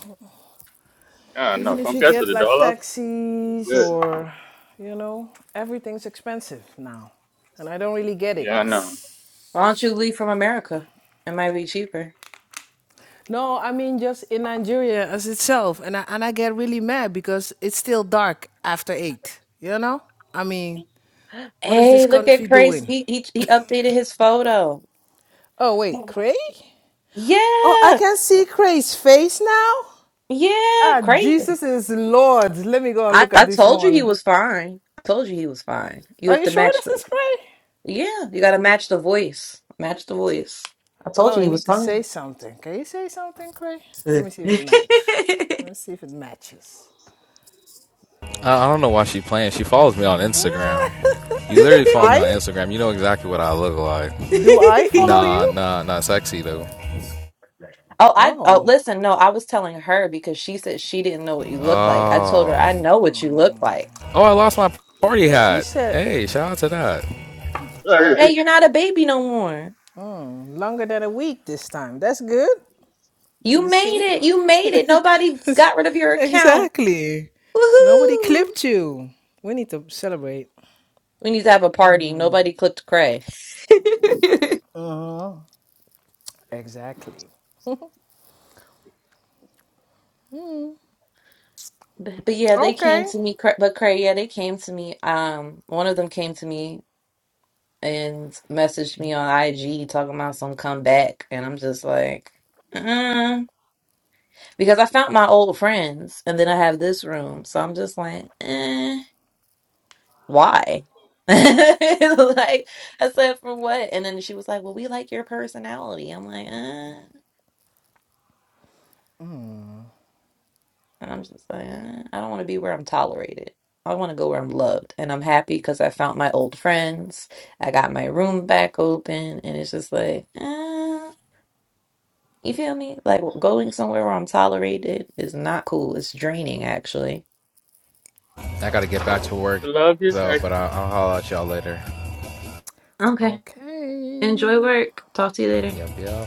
Speaker 10: Yeah, no.
Speaker 7: Even if you
Speaker 10: Compared to
Speaker 7: get
Speaker 10: the
Speaker 7: like
Speaker 10: dollar,
Speaker 7: taxis
Speaker 10: good.
Speaker 7: or, you know, everything's expensive now. And I don't really get it.
Speaker 10: Yeah, no.
Speaker 1: Why don't you leave from America? It might be cheaper.
Speaker 7: No, I mean just in Nigeria as itself. And I, and I get really mad because it's still dark after eight, you know? I mean, what is this
Speaker 1: Hey, look at
Speaker 7: country
Speaker 1: Crazy.
Speaker 7: doing?
Speaker 1: He, he, he updated his photo.
Speaker 7: Oh, wait, Cray? Oh, I
Speaker 1: Yeah,
Speaker 7: can see Cray's face now?
Speaker 1: yeah,
Speaker 7: Ah,
Speaker 1: Craven.
Speaker 7: Jesus is Lord. Let me go and
Speaker 1: I,
Speaker 7: look at
Speaker 1: I
Speaker 7: this
Speaker 1: told you he
Speaker 7: one.
Speaker 1: was fine. I told you he was fine. You
Speaker 7: Are
Speaker 1: have
Speaker 7: you
Speaker 1: to
Speaker 7: sure
Speaker 1: match
Speaker 7: this
Speaker 1: the.
Speaker 7: is Cray?
Speaker 1: Yeah, you got to match the voice. Match the voice. I
Speaker 7: I
Speaker 1: told
Speaker 7: know
Speaker 1: you
Speaker 7: I
Speaker 1: he
Speaker 7: need
Speaker 1: was
Speaker 7: to
Speaker 1: fine.
Speaker 7: say something. Can you say something, Clay? Let me see if it matches. Let me see if it matches.
Speaker 9: I, I don't know why she playing. She follows me on Instagram. You literally follow me
Speaker 7: I?
Speaker 9: on Instagram. You know exactly what I look like.
Speaker 7: Do I follow
Speaker 9: Nah,
Speaker 7: you?
Speaker 9: nah, not sexy though.
Speaker 1: Oh, I oh
Speaker 7: Oh,
Speaker 1: listen, no, I was telling her because she said she didn't know what you look like. I told her I
Speaker 9: Oh,
Speaker 1: know what you look like.
Speaker 9: oh, I lost my party
Speaker 7: she
Speaker 9: hat.
Speaker 7: said
Speaker 9: Hey, shout out to that.
Speaker 10: Sorry.
Speaker 1: Hey, you're not a baby no more.
Speaker 7: hmm, longer than a week this time. That's good. You
Speaker 1: You
Speaker 7: see?
Speaker 1: made it. You made it. Nobody got rid of your account.
Speaker 7: exactly. Nobody
Speaker 1: Woohoo!
Speaker 7: clipped you. We need to celebrate.
Speaker 1: We need to have a party. Nobody clicked Cray.
Speaker 7: Uh-huh. Exactly.
Speaker 1: But but yeah, they came
Speaker 7: Okay.
Speaker 1: to me. Cra- But Cray, yeah, they came to me. Um, one of them came to me and messaged me on IG talking about some comeback, and I'm just like, uh because I found my old friends, and then I have this room, so I'm just like, eh. why? like I said, for what? And then she was like, "Well, we like your personality." I'm like, uh, and I'm just like, uh, I don't want to be where I'm tolerated. I want to go where I'm loved, and I'm happy because I found my old friends. I got my room back open, and it's just like, uh, you feel me? Like going somewhere where I'm tolerated is not cool. It's draining, actually.
Speaker 9: I gotta get back to work
Speaker 10: We love you,
Speaker 9: though,
Speaker 10: sexy.
Speaker 9: but I, I'll holler at y'all later.
Speaker 1: Okay,
Speaker 7: Okay.
Speaker 1: enjoy work. Talk to you later.
Speaker 9: Yeah.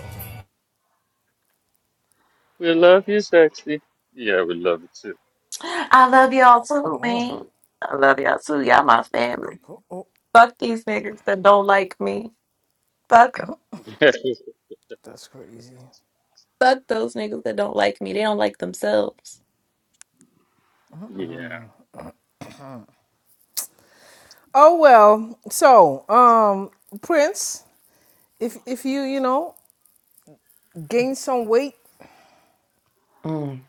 Speaker 10: We love you, sexy. Yeah, we love you too.
Speaker 1: I love y'all too,
Speaker 7: Oh,
Speaker 1: man. I love y'all too. Y'all my family.
Speaker 7: oh, oh,
Speaker 1: Fuck these niggas that don't like me. Fuck 'em.
Speaker 7: that's crazy.
Speaker 1: Fuck those niggas that don't like me. They don't like themselves.
Speaker 10: yeah.
Speaker 7: Oh well. So, um, Prince, if if you you know gain some weight,
Speaker 1: Mm.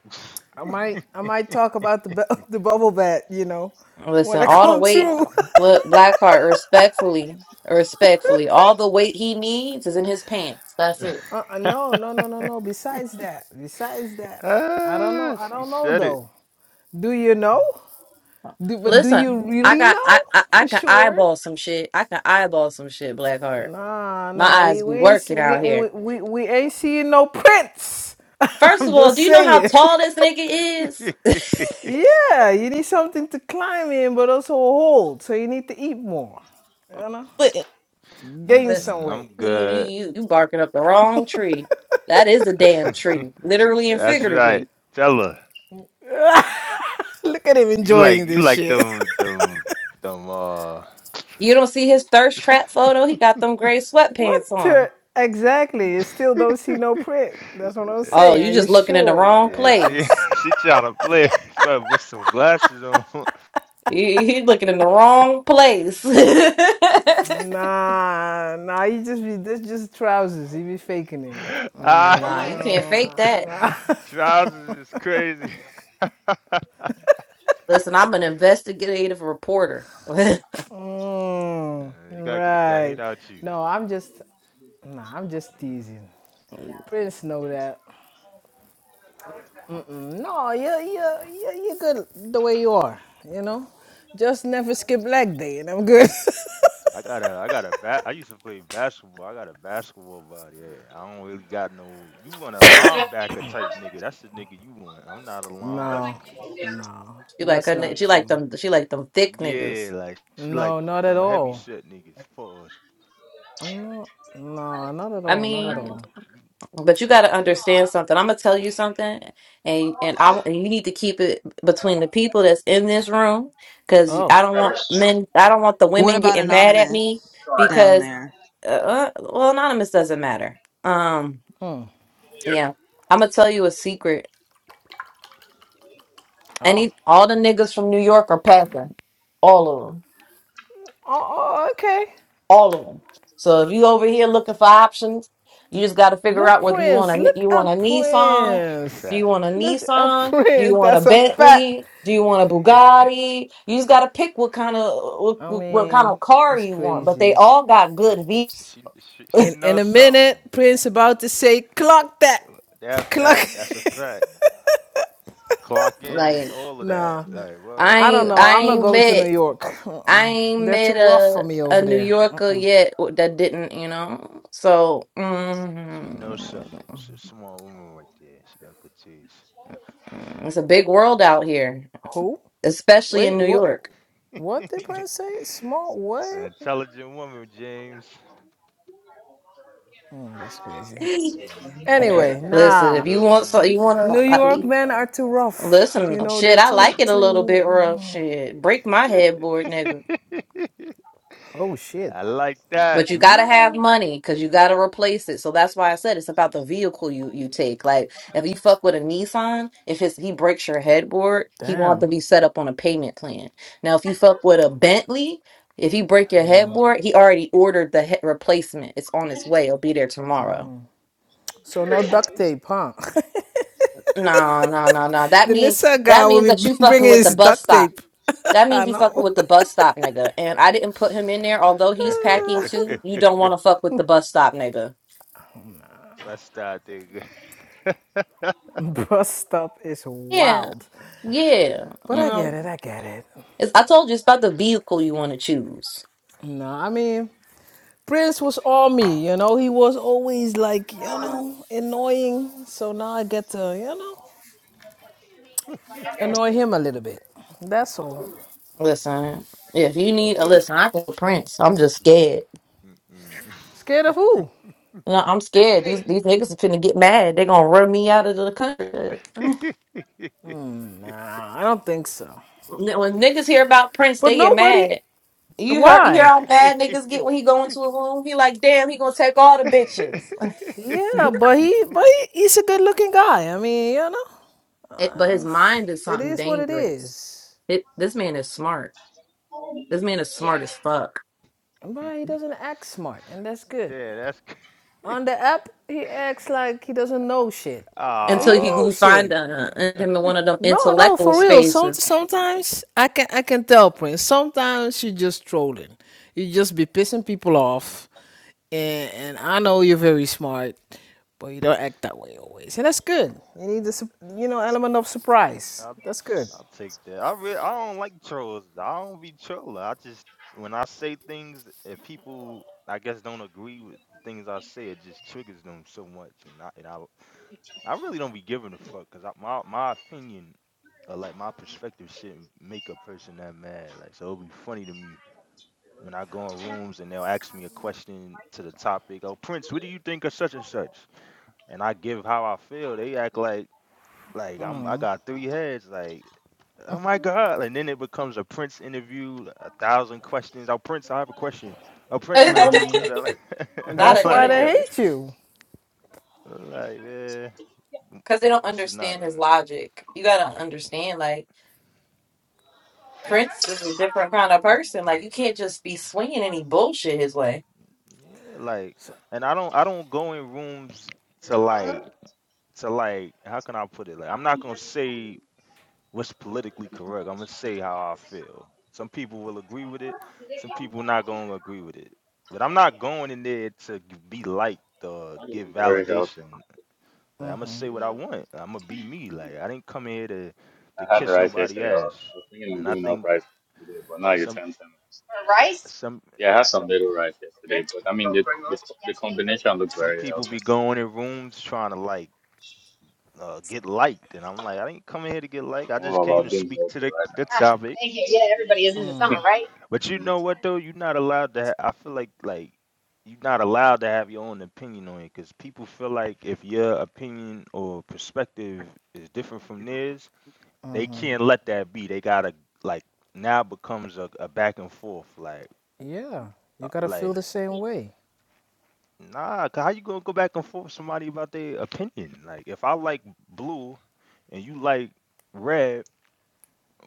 Speaker 7: I might I might talk about the bu- the bubble bath. You know, when
Speaker 1: Listen,
Speaker 7: I
Speaker 1: all the
Speaker 7: come
Speaker 1: weight,
Speaker 7: through.
Speaker 1: look, Blackheart, respectfully, respectfully, all the weight he needs is in his pants. That's it.
Speaker 7: uh, uh, no, no, no, no, no. Besides that, besides that, I don't know.
Speaker 4: ah,
Speaker 7: I
Speaker 4: she
Speaker 7: don't know
Speaker 4: said it.
Speaker 7: though. Do you know? Do, but do you
Speaker 1: Listen, I
Speaker 7: really
Speaker 1: got
Speaker 7: know
Speaker 1: I, I I
Speaker 7: for
Speaker 1: can
Speaker 7: sure?
Speaker 1: eyeball some shit. I can eyeball some shit, Blackheart.
Speaker 7: Nah,
Speaker 1: My
Speaker 7: nah, we,
Speaker 1: eyes
Speaker 7: we
Speaker 1: be
Speaker 7: ain't see,
Speaker 1: working
Speaker 7: we,
Speaker 1: out here.
Speaker 7: we we we ain't seeing no prints.
Speaker 1: First
Speaker 7: I'm
Speaker 1: of all,
Speaker 7: just
Speaker 1: do you know how
Speaker 7: saying.
Speaker 1: tall this nigga is?
Speaker 7: Yeah, you need something to climb in, but also hold. So you need to eat more. You know,
Speaker 1: Li-
Speaker 7: gain
Speaker 1: Listen,
Speaker 7: some
Speaker 4: Mm-mm, I'm
Speaker 7: weight.
Speaker 1: you,
Speaker 4: good.
Speaker 1: you you barking up the wrong tree. That is a damn tree, literally and
Speaker 4: That's right.
Speaker 1: figuratively.
Speaker 4: Tell her.
Speaker 7: Look at him
Speaker 4: You like
Speaker 7: enjoying
Speaker 4: you
Speaker 7: this
Speaker 4: like
Speaker 7: shit.
Speaker 4: them them them uh
Speaker 1: You don't see his thirst trap photo. He got them gray
Speaker 7: What
Speaker 1: sweatpants on.
Speaker 7: the- exactly? You still don't see no print. That's what I'm
Speaker 1: Oh,
Speaker 7: saying. Are
Speaker 1: you
Speaker 7: you
Speaker 1: just looking in the
Speaker 4: Y-
Speaker 7: sure?
Speaker 1: wrong
Speaker 4: Yeah, she
Speaker 1: place.
Speaker 4: she trying to play. She better put some glasses on.
Speaker 1: He, he looking in the wrong place.
Speaker 7: Nah, nah. You just be that's just trousers. He be faking it.
Speaker 1: Mm,
Speaker 4: ah,
Speaker 7: I
Speaker 1: Nah, you can't
Speaker 7: don't.
Speaker 1: fake that.
Speaker 7: I
Speaker 4: trousers is crazy.
Speaker 1: Listen, I'm an investigative reporter.
Speaker 7: don't. mm,
Speaker 4: Uh, you gotta get that
Speaker 7: right.
Speaker 4: hate out you.
Speaker 7: No, I'm just. Nah, I'm just teasing. Prince know that. No, you you you you good the way you are. You know, just never skip leg day, and I'm good.
Speaker 4: I got a I got a bat. I used to play basketball. I got a basketball body. Yeah, I don't really got no. You want a linebacker type nigga? That's the nigga you want. I'm not a linebacker
Speaker 7: no,
Speaker 4: nigga.
Speaker 7: no,
Speaker 1: She like
Speaker 7: that's
Speaker 1: her, ni-
Speaker 7: not
Speaker 1: she like
Speaker 7: true.
Speaker 1: them, she like them thick niggas.
Speaker 4: Yeah, like she like
Speaker 7: No, not at
Speaker 4: them heavy
Speaker 7: all.
Speaker 4: set niggas. Pause.
Speaker 7: I'm not. No, not at
Speaker 1: I
Speaker 7: all. Not at
Speaker 1: mean,
Speaker 7: all.
Speaker 1: but you got to understand something. I'm gonna tell you something, and and I and you need to keep it between the people that's in this room, because
Speaker 7: Oh.
Speaker 1: I don't want men, I don't want the
Speaker 5: What
Speaker 1: women
Speaker 5: about
Speaker 1: getting mad at me
Speaker 5: Anonymous down
Speaker 1: because
Speaker 5: there?
Speaker 1: uh, uh, well, anonymous doesn't matter. Um,
Speaker 7: Hmm.
Speaker 1: yeah, I'm gonna tell you a secret.
Speaker 7: Oh. Oh.
Speaker 1: Any all the niggas from New York are packing, all of 'em.
Speaker 7: Oh. Okay.
Speaker 1: all of them. So if you over here looking for options, you just got to figure
Speaker 7: Look,
Speaker 1: out whether you want
Speaker 7: Prince.
Speaker 1: a
Speaker 7: Look
Speaker 1: you want a
Speaker 7: at
Speaker 1: Nissan,
Speaker 4: That's a
Speaker 7: Prince.
Speaker 1: do you
Speaker 4: fact.
Speaker 1: want a
Speaker 7: Look at
Speaker 1: Nissan, do you
Speaker 7: Prince.
Speaker 1: want a
Speaker 7: That's a
Speaker 4: That's
Speaker 7: fact.
Speaker 1: Bentley, do you want a
Speaker 4: a
Speaker 1: Bugatti? You just got to pick what kind of what,
Speaker 7: I
Speaker 1: what what kind
Speaker 7: mean,
Speaker 1: of car
Speaker 7: it's
Speaker 1: you want. But they
Speaker 7: crazy.
Speaker 1: all got good V's.
Speaker 4: she she she
Speaker 7: In in a
Speaker 4: knows something.
Speaker 7: minute, Prince about to say, clock that.
Speaker 4: Uh, That
Speaker 7: Clock
Speaker 4: that that's a fact. Clock in and
Speaker 1: like
Speaker 4: all of that.
Speaker 7: Nah.
Speaker 4: Like
Speaker 1: I
Speaker 7: I
Speaker 4: word.
Speaker 7: don't
Speaker 1: ain't
Speaker 7: know.
Speaker 1: I
Speaker 7: I'm not
Speaker 1: ain't
Speaker 7: going to
Speaker 1: met
Speaker 7: New York.
Speaker 1: I
Speaker 7: Mm-mm.
Speaker 1: ain't
Speaker 7: They're too
Speaker 1: met
Speaker 7: rough for
Speaker 1: a
Speaker 7: me
Speaker 1: a
Speaker 7: over
Speaker 1: New
Speaker 7: there.
Speaker 1: Yorker
Speaker 7: Mm-mm.
Speaker 1: yet that didn't you know. So
Speaker 4: She knows
Speaker 1: mm,
Speaker 4: something. She's a smart woman right there. She got good taste.
Speaker 1: it's a big world out here.
Speaker 7: Who?
Speaker 1: especially in
Speaker 7: Wait,
Speaker 1: New
Speaker 7: what
Speaker 1: York.
Speaker 7: what did
Speaker 4: it's
Speaker 7: Prince say? Small
Speaker 4: an
Speaker 7: what?
Speaker 4: intelligent woman, James.
Speaker 7: Oh, that's crazy.
Speaker 4: hmm
Speaker 1: So,
Speaker 7: Anyway,
Speaker 4: It's
Speaker 1: Listen,
Speaker 4: a
Speaker 7: nah.
Speaker 1: if you
Speaker 4: good
Speaker 1: want
Speaker 4: woman
Speaker 1: so
Speaker 4: right
Speaker 1: you
Speaker 4: there.
Speaker 7: New
Speaker 1: want
Speaker 7: York
Speaker 1: to
Speaker 7: men are too rough. You
Speaker 1: listen,
Speaker 7: know,
Speaker 1: shit,
Speaker 7: they're
Speaker 1: I like
Speaker 7: too
Speaker 1: it a little
Speaker 7: too
Speaker 1: bit rough.
Speaker 7: mm.
Speaker 1: Shit, break my headboard, nigga.
Speaker 7: Oh shit.
Speaker 4: I like that.
Speaker 1: But you gotta have
Speaker 7: Mm,
Speaker 1: money because you gotta replace it. So that's why I said it's about the vehicle you you take. Like if you fuck with a Nissan, if his he breaks your headboard, he gonna have
Speaker 7: Damn.
Speaker 1: to be set up on a payment plan. Now if you fuck with a Bentley, if he break
Speaker 7: I
Speaker 1: your
Speaker 7: mean,
Speaker 1: headboard, he already ordered the he- replacement. It's on its way. It'll be there tomorrow.
Speaker 7: so no duct tape, huh?
Speaker 1: No, no, no, no. That
Speaker 7: The
Speaker 1: means
Speaker 7: Nissa guy
Speaker 1: that
Speaker 7: will
Speaker 1: means that
Speaker 7: be
Speaker 1: you fucking
Speaker 7: bringing
Speaker 1: with the
Speaker 7: his
Speaker 1: bus
Speaker 7: duct
Speaker 1: stop.
Speaker 7: tape.
Speaker 1: That
Speaker 7: I
Speaker 1: means you fucking
Speaker 7: know.
Speaker 1: with the bus stop, nigga. And I didn't put him in there, although he's packing too. You don't want to fuck with the bus stop, nigga.
Speaker 4: Let's start there.
Speaker 7: Bust up is
Speaker 1: Yeah,
Speaker 7: wild.
Speaker 1: yeah.
Speaker 7: But
Speaker 1: You
Speaker 7: I get
Speaker 1: know,
Speaker 7: it, I get it.
Speaker 1: it's, I told you it's about the vehicle you want to choose.
Speaker 7: No, I mean, Prince was all me, you know. He was always like, you know, annoying. So now I get to, you know, annoy him a little bit. That's all.
Speaker 1: Listen, if you need a listen, I can Prince. I'm just scared.
Speaker 4: Mm-mm.
Speaker 7: Scared of who?
Speaker 1: No, I'm scared. These these niggas are finna get mad. They gonna run me out of the country.
Speaker 7: Nah, I don't think so.
Speaker 1: When niggas hear about Prince,
Speaker 7: But
Speaker 1: they get
Speaker 7: nobody,
Speaker 1: mad. You heard you hear
Speaker 7: why?
Speaker 1: how bad niggas get when he go into a room? He like, damn, he gonna take all the bitches.
Speaker 7: Yeah, but he but he, he's a good looking guy. I mean, you know,
Speaker 1: It- but his
Speaker 7: uh,
Speaker 1: mind is
Speaker 7: it
Speaker 1: something
Speaker 7: is what it
Speaker 1: dangerous.
Speaker 7: is.
Speaker 1: It, this man is smart. This man is smart as fuck.
Speaker 7: But he doesn't act smart, and that's good.
Speaker 4: Yeah, that's
Speaker 7: On the app, he acts like he doesn't know shit, but he
Speaker 1: until you,
Speaker 7: knows
Speaker 1: you
Speaker 4: ah.
Speaker 7: shit.
Speaker 1: find uh, him in one of them
Speaker 7: No, no,
Speaker 1: intellectual
Speaker 7: for real. Some
Speaker 1: spaces.
Speaker 7: sometimes I can I can tell Prince. Sometimes you just trolling. You just be pissing people off, and and I know you're very smart, but you don't act that way always, and that's good. You need the sup- you know element of surprise.
Speaker 4: I'll
Speaker 7: That's good,
Speaker 4: I'll take that. I really I don't like trolls. I don't be trolling. I just when I say things, if people I guess don't agree with the things I say, it just triggers them so much, and I and I I really don't be giving a fuck because my my opinion or like my perspective shouldn't make a person that mad. Like so, it'll be funny to me when I go in rooms and they'll ask me a question to the topic. Oh, Prince, what do you think of such and such? and I give how I feel, they act like like I'm I got three heads. Like, oh my god! And then it becomes a Prince interview, a thousand questions. Oh Prince, I have a question. Oh Prince, can I ask you a question?
Speaker 7: and
Speaker 1: Not
Speaker 4: I'm
Speaker 7: that's
Speaker 1: an
Speaker 7: why
Speaker 4: like,
Speaker 7: they
Speaker 4: yeah,
Speaker 1: interview,
Speaker 7: hate you.
Speaker 4: like man,
Speaker 1: because they don't
Speaker 4: this is not
Speaker 1: understand his
Speaker 4: um,
Speaker 1: logic. You gotta understand, like. Prince is a different kind of person. Like you can't just be swinging any bullshit his way.
Speaker 4: yeah, like,
Speaker 7: So
Speaker 4: and I don't I don't go in rooms to like to like how can I put it? Like, I'm not gonna say what's politically correct. I'm gonna say how I feel. Some people will agree with it. Some people not gonna agree with it. But I'm not going in there to g- be liked or
Speaker 10: That is
Speaker 4: get
Speaker 10: very healthy.
Speaker 4: validation. Like, I'm gonna say what I want. I'm gonna be me. Like I didn't come here to to
Speaker 10: I had
Speaker 4: kiss
Speaker 10: rice
Speaker 4: nobody
Speaker 10: yesterday. I was I
Speaker 4: ass.
Speaker 10: was thinking of
Speaker 4: And I
Speaker 10: doing off
Speaker 4: think
Speaker 10: rice today, but now you
Speaker 4: some
Speaker 10: turn ten. minutes.
Speaker 4: some
Speaker 10: Yeah, I had some little rice yesterday, but I mean, the, the, the combination looks
Speaker 4: some
Speaker 10: very
Speaker 4: people
Speaker 10: healthy.
Speaker 4: be going in rooms trying to like uh, get liked, and I'm like, I didn't come in here to get liked. I just
Speaker 10: All
Speaker 4: came to
Speaker 10: about being
Speaker 4: speak to
Speaker 10: healthy
Speaker 4: the
Speaker 10: right
Speaker 4: the topic But you
Speaker 10: now.
Speaker 4: know what though? You're not allowed to. Ha- I feel like like you're not allowed to have your own opinion on it because people feel like if your opinion or perspective is different from theirs, they can't let that be. They gotta like now becomes a, a back and forth. Like
Speaker 7: yeah, you
Speaker 4: uh,
Speaker 7: gotta feel
Speaker 4: like
Speaker 7: the same way.
Speaker 4: nah, 'cause how you gonna go back and forth with somebody about their opinion? Like if I like blue and you like red,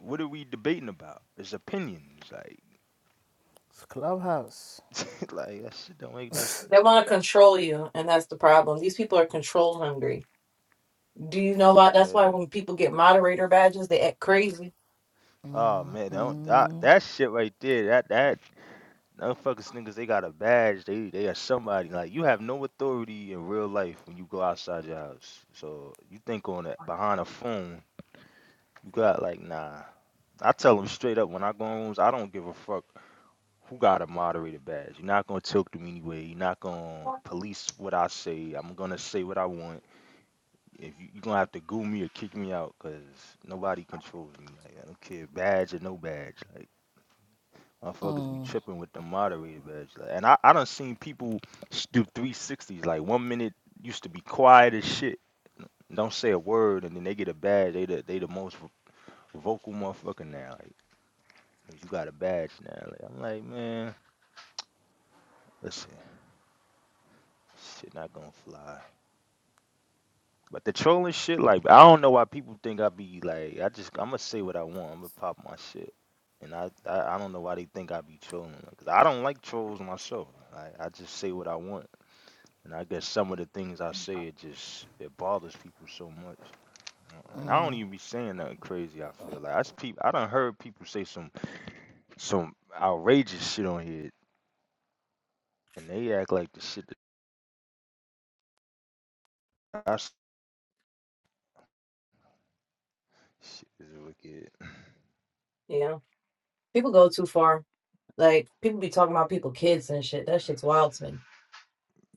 Speaker 4: what are we debating about? It's opinions. Like
Speaker 7: It's Clubhouse.
Speaker 4: like that shit don't make no sense.
Speaker 1: They want to control you, and that's the problem. These people are control hungry. Do you know
Speaker 4: For
Speaker 1: why? That's why
Speaker 4: real.
Speaker 1: when people get moderator badges, they act crazy.
Speaker 4: Oh man, don't that, that shit right there. That that motherfuckers niggas they got a badge. They they are somebody. Like you have no authority in real life when you go outside your house. So you think on it behind a phone. You got like nah. I tell them straight up when I go in rooms, I don't give a fuck who got a moderator badge. You're not gonna tilt them anyway. You're not gonna police what I say. I'm gonna say what I want. If you, you're gonna have to goo me or kick me out, cause nobody controls me. Like I don't care, badge or no badge. Like. Motherfuckers be tripping with the moderator badge. Like, and I, I done seen people s- do 360s. Like one minute used to be quiet as shit, don't say a word, and then they get a badge. They the, they the most v- vocal motherfucker now. Like, like, you got a badge now. Like, I'm like, man, listen, shit not gonna fly. But the trolling shit, like, I don't know why people think I be like, I just, I'm gonna say what I want. I'm gonna pop my shit. And I, I, I don't know why they think I be trolling. Like, 'cause I don't like trolls myself. I, I just say what I want. And I guess some of the things I say, it just it bothers people so much. Uh, And I don't even be saying nothing crazy. I feel like I peop I done heard people say some some outrageous shit on here, and they act like the shit that I s- shit is wicked.
Speaker 1: You know, people go too far. Like people be talking about people, kids and shit. That shit's wild to me.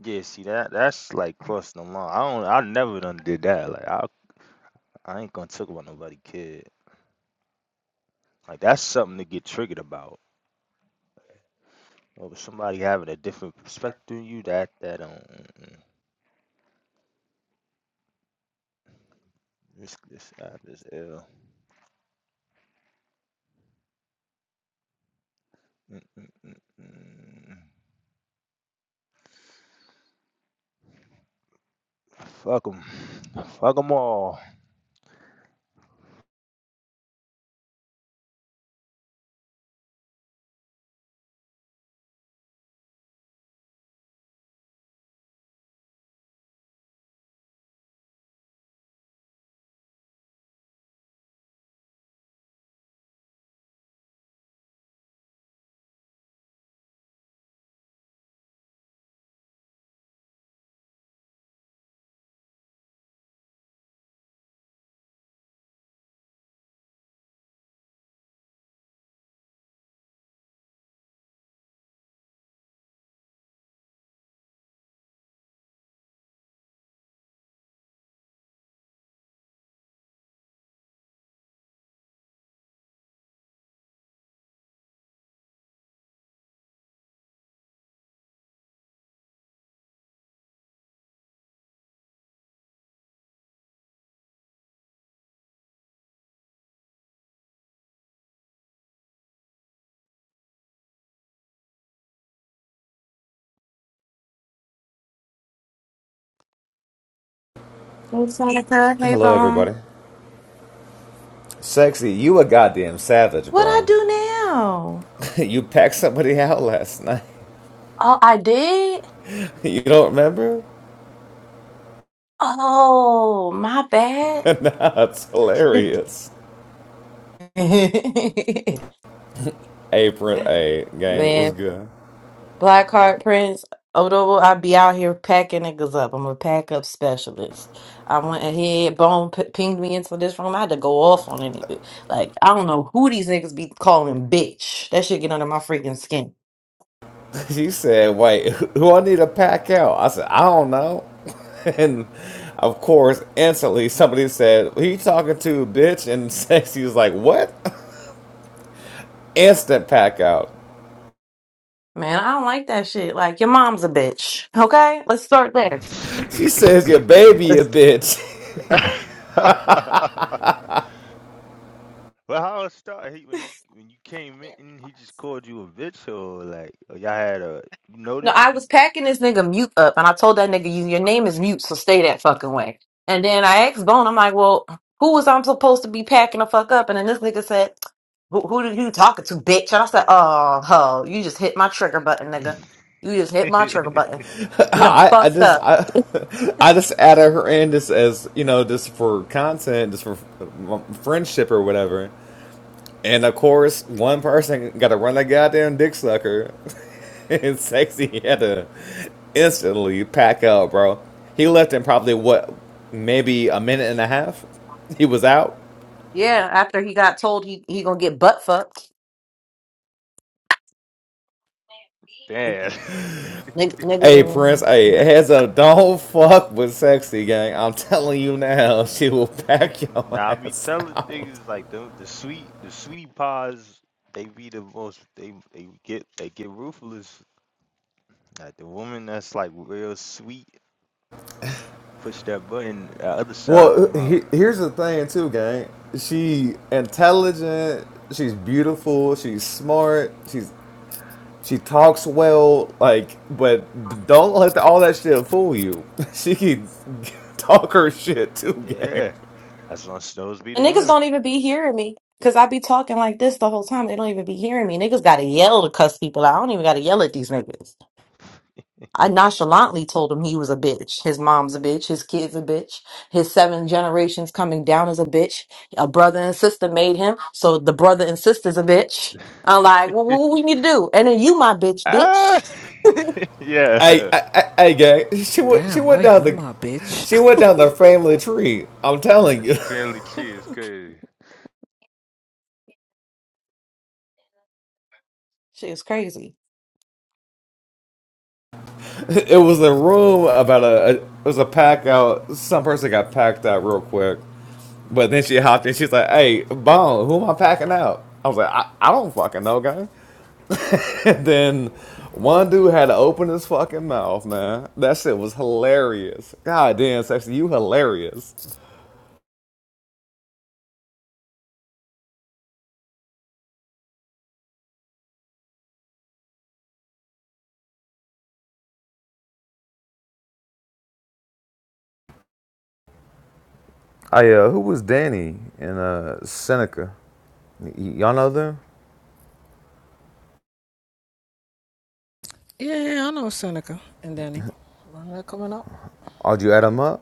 Speaker 4: Yeah, see that that's like crossing the line. I don't. I never done did that. Like I I ain't gonna talk about nobody kid. Like that's something to get triggered about. Over somebody having a different perspective than you, that that um, this this app is ill. Mm-mm-mm-mm. Fuck them. Fuck them all.
Speaker 1: Hey, Seneca. Hey,
Speaker 11: Hello,
Speaker 1: Bone.
Speaker 11: everybody. Sexy, you a goddamn savage,
Speaker 1: What I
Speaker 11: bro.
Speaker 1: do now?
Speaker 11: you packed somebody out last night.
Speaker 1: Oh, I did.
Speaker 11: You don't remember?
Speaker 1: Oh, my bad.
Speaker 11: nah, it's hilarious. Apron A game
Speaker 1: Man,
Speaker 11: was good.
Speaker 1: Blackheart Prince Odobo, I be out here packing niggas up. I'm a pack up specialist. I went ahead, bone p- pinged me into this room. I had to go off on any Like, I don't know who these niggas be calling bitch. That shit get under my freaking skin.
Speaker 11: She said, Wait, who I need to pack out? I said, I don't know. and of course, instantly somebody said, Who you talking to, bitch? And Sexy was like, What? Instant pack out.
Speaker 1: Man, I don't like that shit. Like, your mom's a bitch. Okay? Let's start there.
Speaker 11: She says, Your baby, a bitch.
Speaker 4: well, how it started? He, when you when you came in, he just called you a bitch, or like or y'all had a
Speaker 1: No,
Speaker 4: noted.
Speaker 1: I was packing this nigga mute up, and I told that nigga, "You, your name is mute, so stay that fucking way." And then I asked Bone, I'm like, "Well, who was I'm supposed to be packing the fuck up?" And then this nigga said, "Who, who did you talking to, bitch?" And I said, "Oh, ho, you just hit my trigger button, nigga. You just hit my trigger button. You don't
Speaker 11: I, I
Speaker 1: fucked
Speaker 11: just
Speaker 1: up."
Speaker 11: I, I just added her in just as you know just for content, just for friendship or whatever. And of course, one person got to run that goddamn dick sucker, and sexy had to instantly pack up, bro. He left in probably what maybe a minute and a half. He was out.
Speaker 1: Yeah, after he got told he he gonna get butt fucked.
Speaker 4: Damn.
Speaker 1: Nigga,
Speaker 11: Hey Prince,
Speaker 1: nigga.
Speaker 11: hey heads up, don't fuck with sexy gang. I'm telling you now,
Speaker 4: Yeah.
Speaker 11: she will pack your
Speaker 4: now I be
Speaker 11: ass
Speaker 4: telling
Speaker 11: out.
Speaker 4: niggas like the the sweet the sweetie pies they be the most they they get they get ruthless. Like the woman that's like real sweet Push that button, the other side
Speaker 11: Well,
Speaker 4: come out.
Speaker 11: he, here's the thing too, gang. She intelligent. She's beautiful. She's smart. She's she talks well. Like, but don't let the, all that shit fool you. She can talk her shit too, gang.
Speaker 4: Yeah, that's on those be the
Speaker 1: And niggas
Speaker 4: one.
Speaker 1: don't even be hearing me. Cause I be talking like this the whole time. They don't even be hearing me. Niggas gotta yell to cuss people out. I don't even gotta yell at these niggas. I nonchalantly told him he was a bitch. His mom's a bitch. His kid's a bitch. His seven generations coming down is a bitch. A brother and sister made him, so the brother and sister's a bitch. I'm like, well, what we need to do? And then you, my bitch, bitch.
Speaker 4: ah, yeah,
Speaker 11: Hey,
Speaker 4: yeah.
Speaker 11: hey, hey, hey, gang. She went. She
Speaker 7: Damn,
Speaker 11: went
Speaker 7: not
Speaker 11: down
Speaker 7: you,
Speaker 11: the.
Speaker 7: my bitch.
Speaker 11: She went down the family tree. I'm telling
Speaker 4: The
Speaker 11: you,
Speaker 4: Finley cheese crazy.
Speaker 1: She is crazy.
Speaker 11: it was a room about a. It was a pack out. Some person got packed out real quick, But then she hopped in. She's like, "Hey, Bone, who am I packing out?" I was like, "I, I don't fucking know, guy." then one dude had to open his fucking mouth, man. That shit was hilarious. God damn, sexy, you hilarious. I uh, who was Danny and uh Seneca? y- y'all know them?
Speaker 7: yeah, yeah, I know Seneca and Danny. When they're coming up,
Speaker 11: Or did you add them up?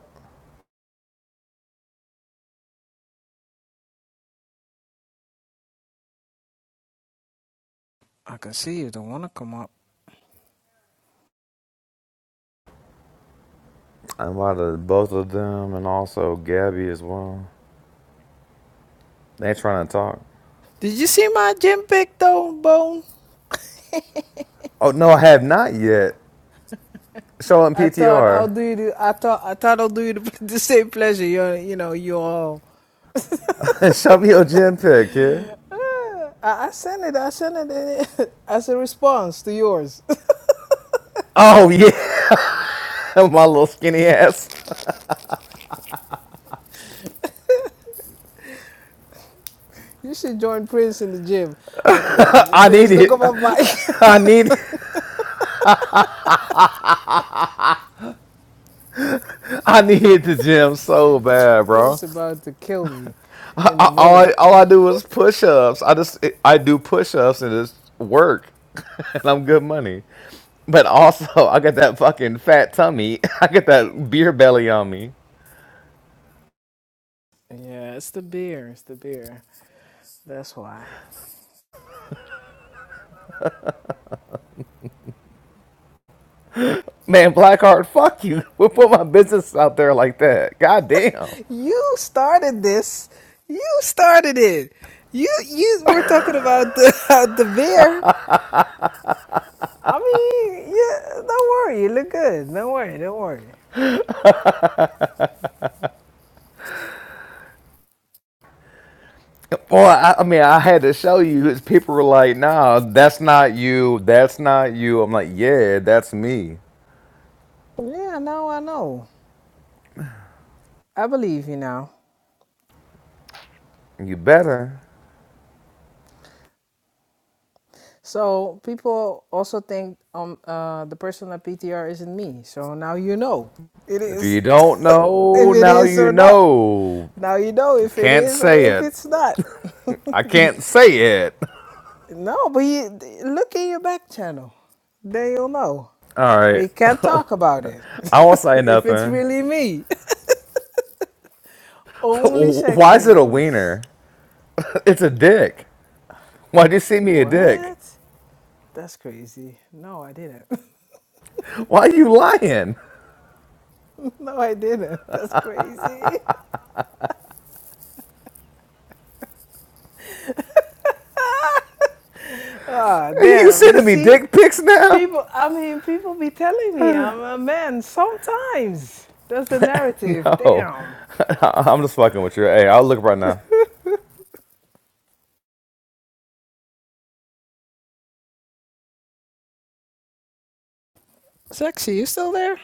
Speaker 7: I can see you. Don't wanna come up.
Speaker 11: I invited both of them and also Gabby as well. They ain't trying to talk.
Speaker 7: Did you see my gym pic though, Bone?
Speaker 11: Oh no, I have not yet. Show them
Speaker 7: I thought I'll
Speaker 11: PTR.
Speaker 7: do you. The, I thought I thought I'll do you the, the same pleasure. You you know you all.
Speaker 11: Show me your gym pic here.
Speaker 7: Uh, I, I sent it. I sent it as a response to yours.
Speaker 11: Oh yeah. My little skinny ass.
Speaker 7: you should join Prince in the gym. Okay, um,
Speaker 11: I
Speaker 7: Prince,
Speaker 11: need
Speaker 7: don't
Speaker 11: it.
Speaker 7: come off my.
Speaker 11: I need. I need the gym so bad, bro.
Speaker 7: Prince about to kill me in a
Speaker 11: I, all I,
Speaker 7: minute.
Speaker 11: all I do is push ups. I just I do push ups and it's work, and I'm good money. But also, I got that fucking fat tummy. I got that beer belly on me.
Speaker 7: Yeah, it's the beer. It's the beer. That's why.
Speaker 11: Man, Blackheart, fuck you. We put my business out there like that. God damn.
Speaker 7: You started this. You started it. You you were talking about the the beer. I mean, yeah, don't worry. You look good. Don't worry. Don't worry.
Speaker 11: Boy, I, I mean, I had to show you. 'cause People were like, "Nah, that's not you. That's not you." I'm like, "Yeah, that's me."
Speaker 7: Yeah, I I know. I believe you now.
Speaker 11: You better.
Speaker 7: So people also think um uh the person at PTR isn't me. So now you know it
Speaker 11: If you
Speaker 7: is
Speaker 11: don't
Speaker 7: if
Speaker 11: know,
Speaker 7: it
Speaker 11: now
Speaker 7: is
Speaker 11: you
Speaker 7: or not.
Speaker 11: know.
Speaker 7: Now you know if it
Speaker 11: Can't
Speaker 7: is or
Speaker 11: say
Speaker 7: if
Speaker 11: it.
Speaker 7: it's not.
Speaker 11: I can't say it.
Speaker 7: no, but you look in your back channel. Then you'll know.
Speaker 11: All
Speaker 7: But
Speaker 11: right.
Speaker 7: you can't talk about it
Speaker 11: I won't say
Speaker 7: if it's
Speaker 11: nothing.
Speaker 7: really me. Only
Speaker 11: Why
Speaker 7: sexy
Speaker 11: is it a
Speaker 7: knows.
Speaker 11: wiener? It's a dick. Why'd you send me a dick?
Speaker 7: What? That's crazy. No, I didn't.
Speaker 11: Why are you lying?
Speaker 7: no, I didn't. That's crazy. Ah,
Speaker 11: Are you
Speaker 7: damn. You
Speaker 11: sending me
Speaker 7: see,
Speaker 11: dick pics now?
Speaker 7: people, I mean, people be telling me I'm a man sometimes. That's the narrative.
Speaker 11: No.
Speaker 7: Damn.
Speaker 11: I'm just fucking with you. Hey, I'll look right now.
Speaker 7: Sexy, you still there?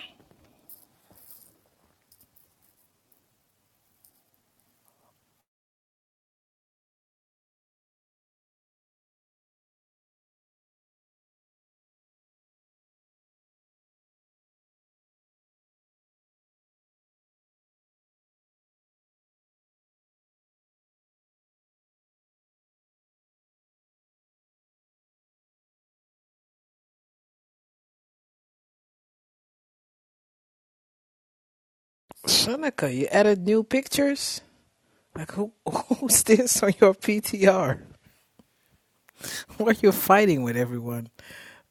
Speaker 7: Seneca, you added new pictures? Like, who, who's this on your PTR? Why are you fighting with everyone?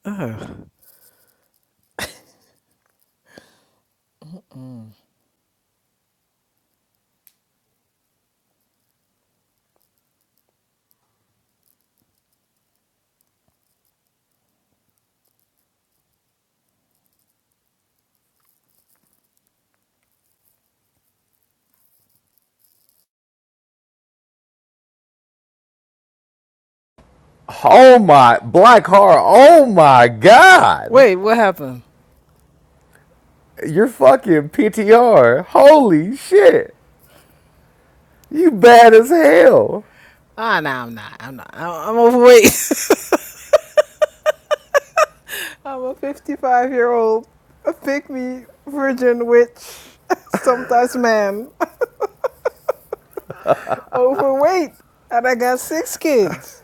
Speaker 7: Ugh.
Speaker 11: Oh my black horror. Oh my god.
Speaker 7: Wait, what happened?
Speaker 11: You're fucking PTR. Holy shit. You bad as hell.
Speaker 7: Ah, nah, I'm not. I'm not. I- I'm overweight. I'm a 55 year old, a pygmy virgin witch, sometimes man, overweight, and I got six kids.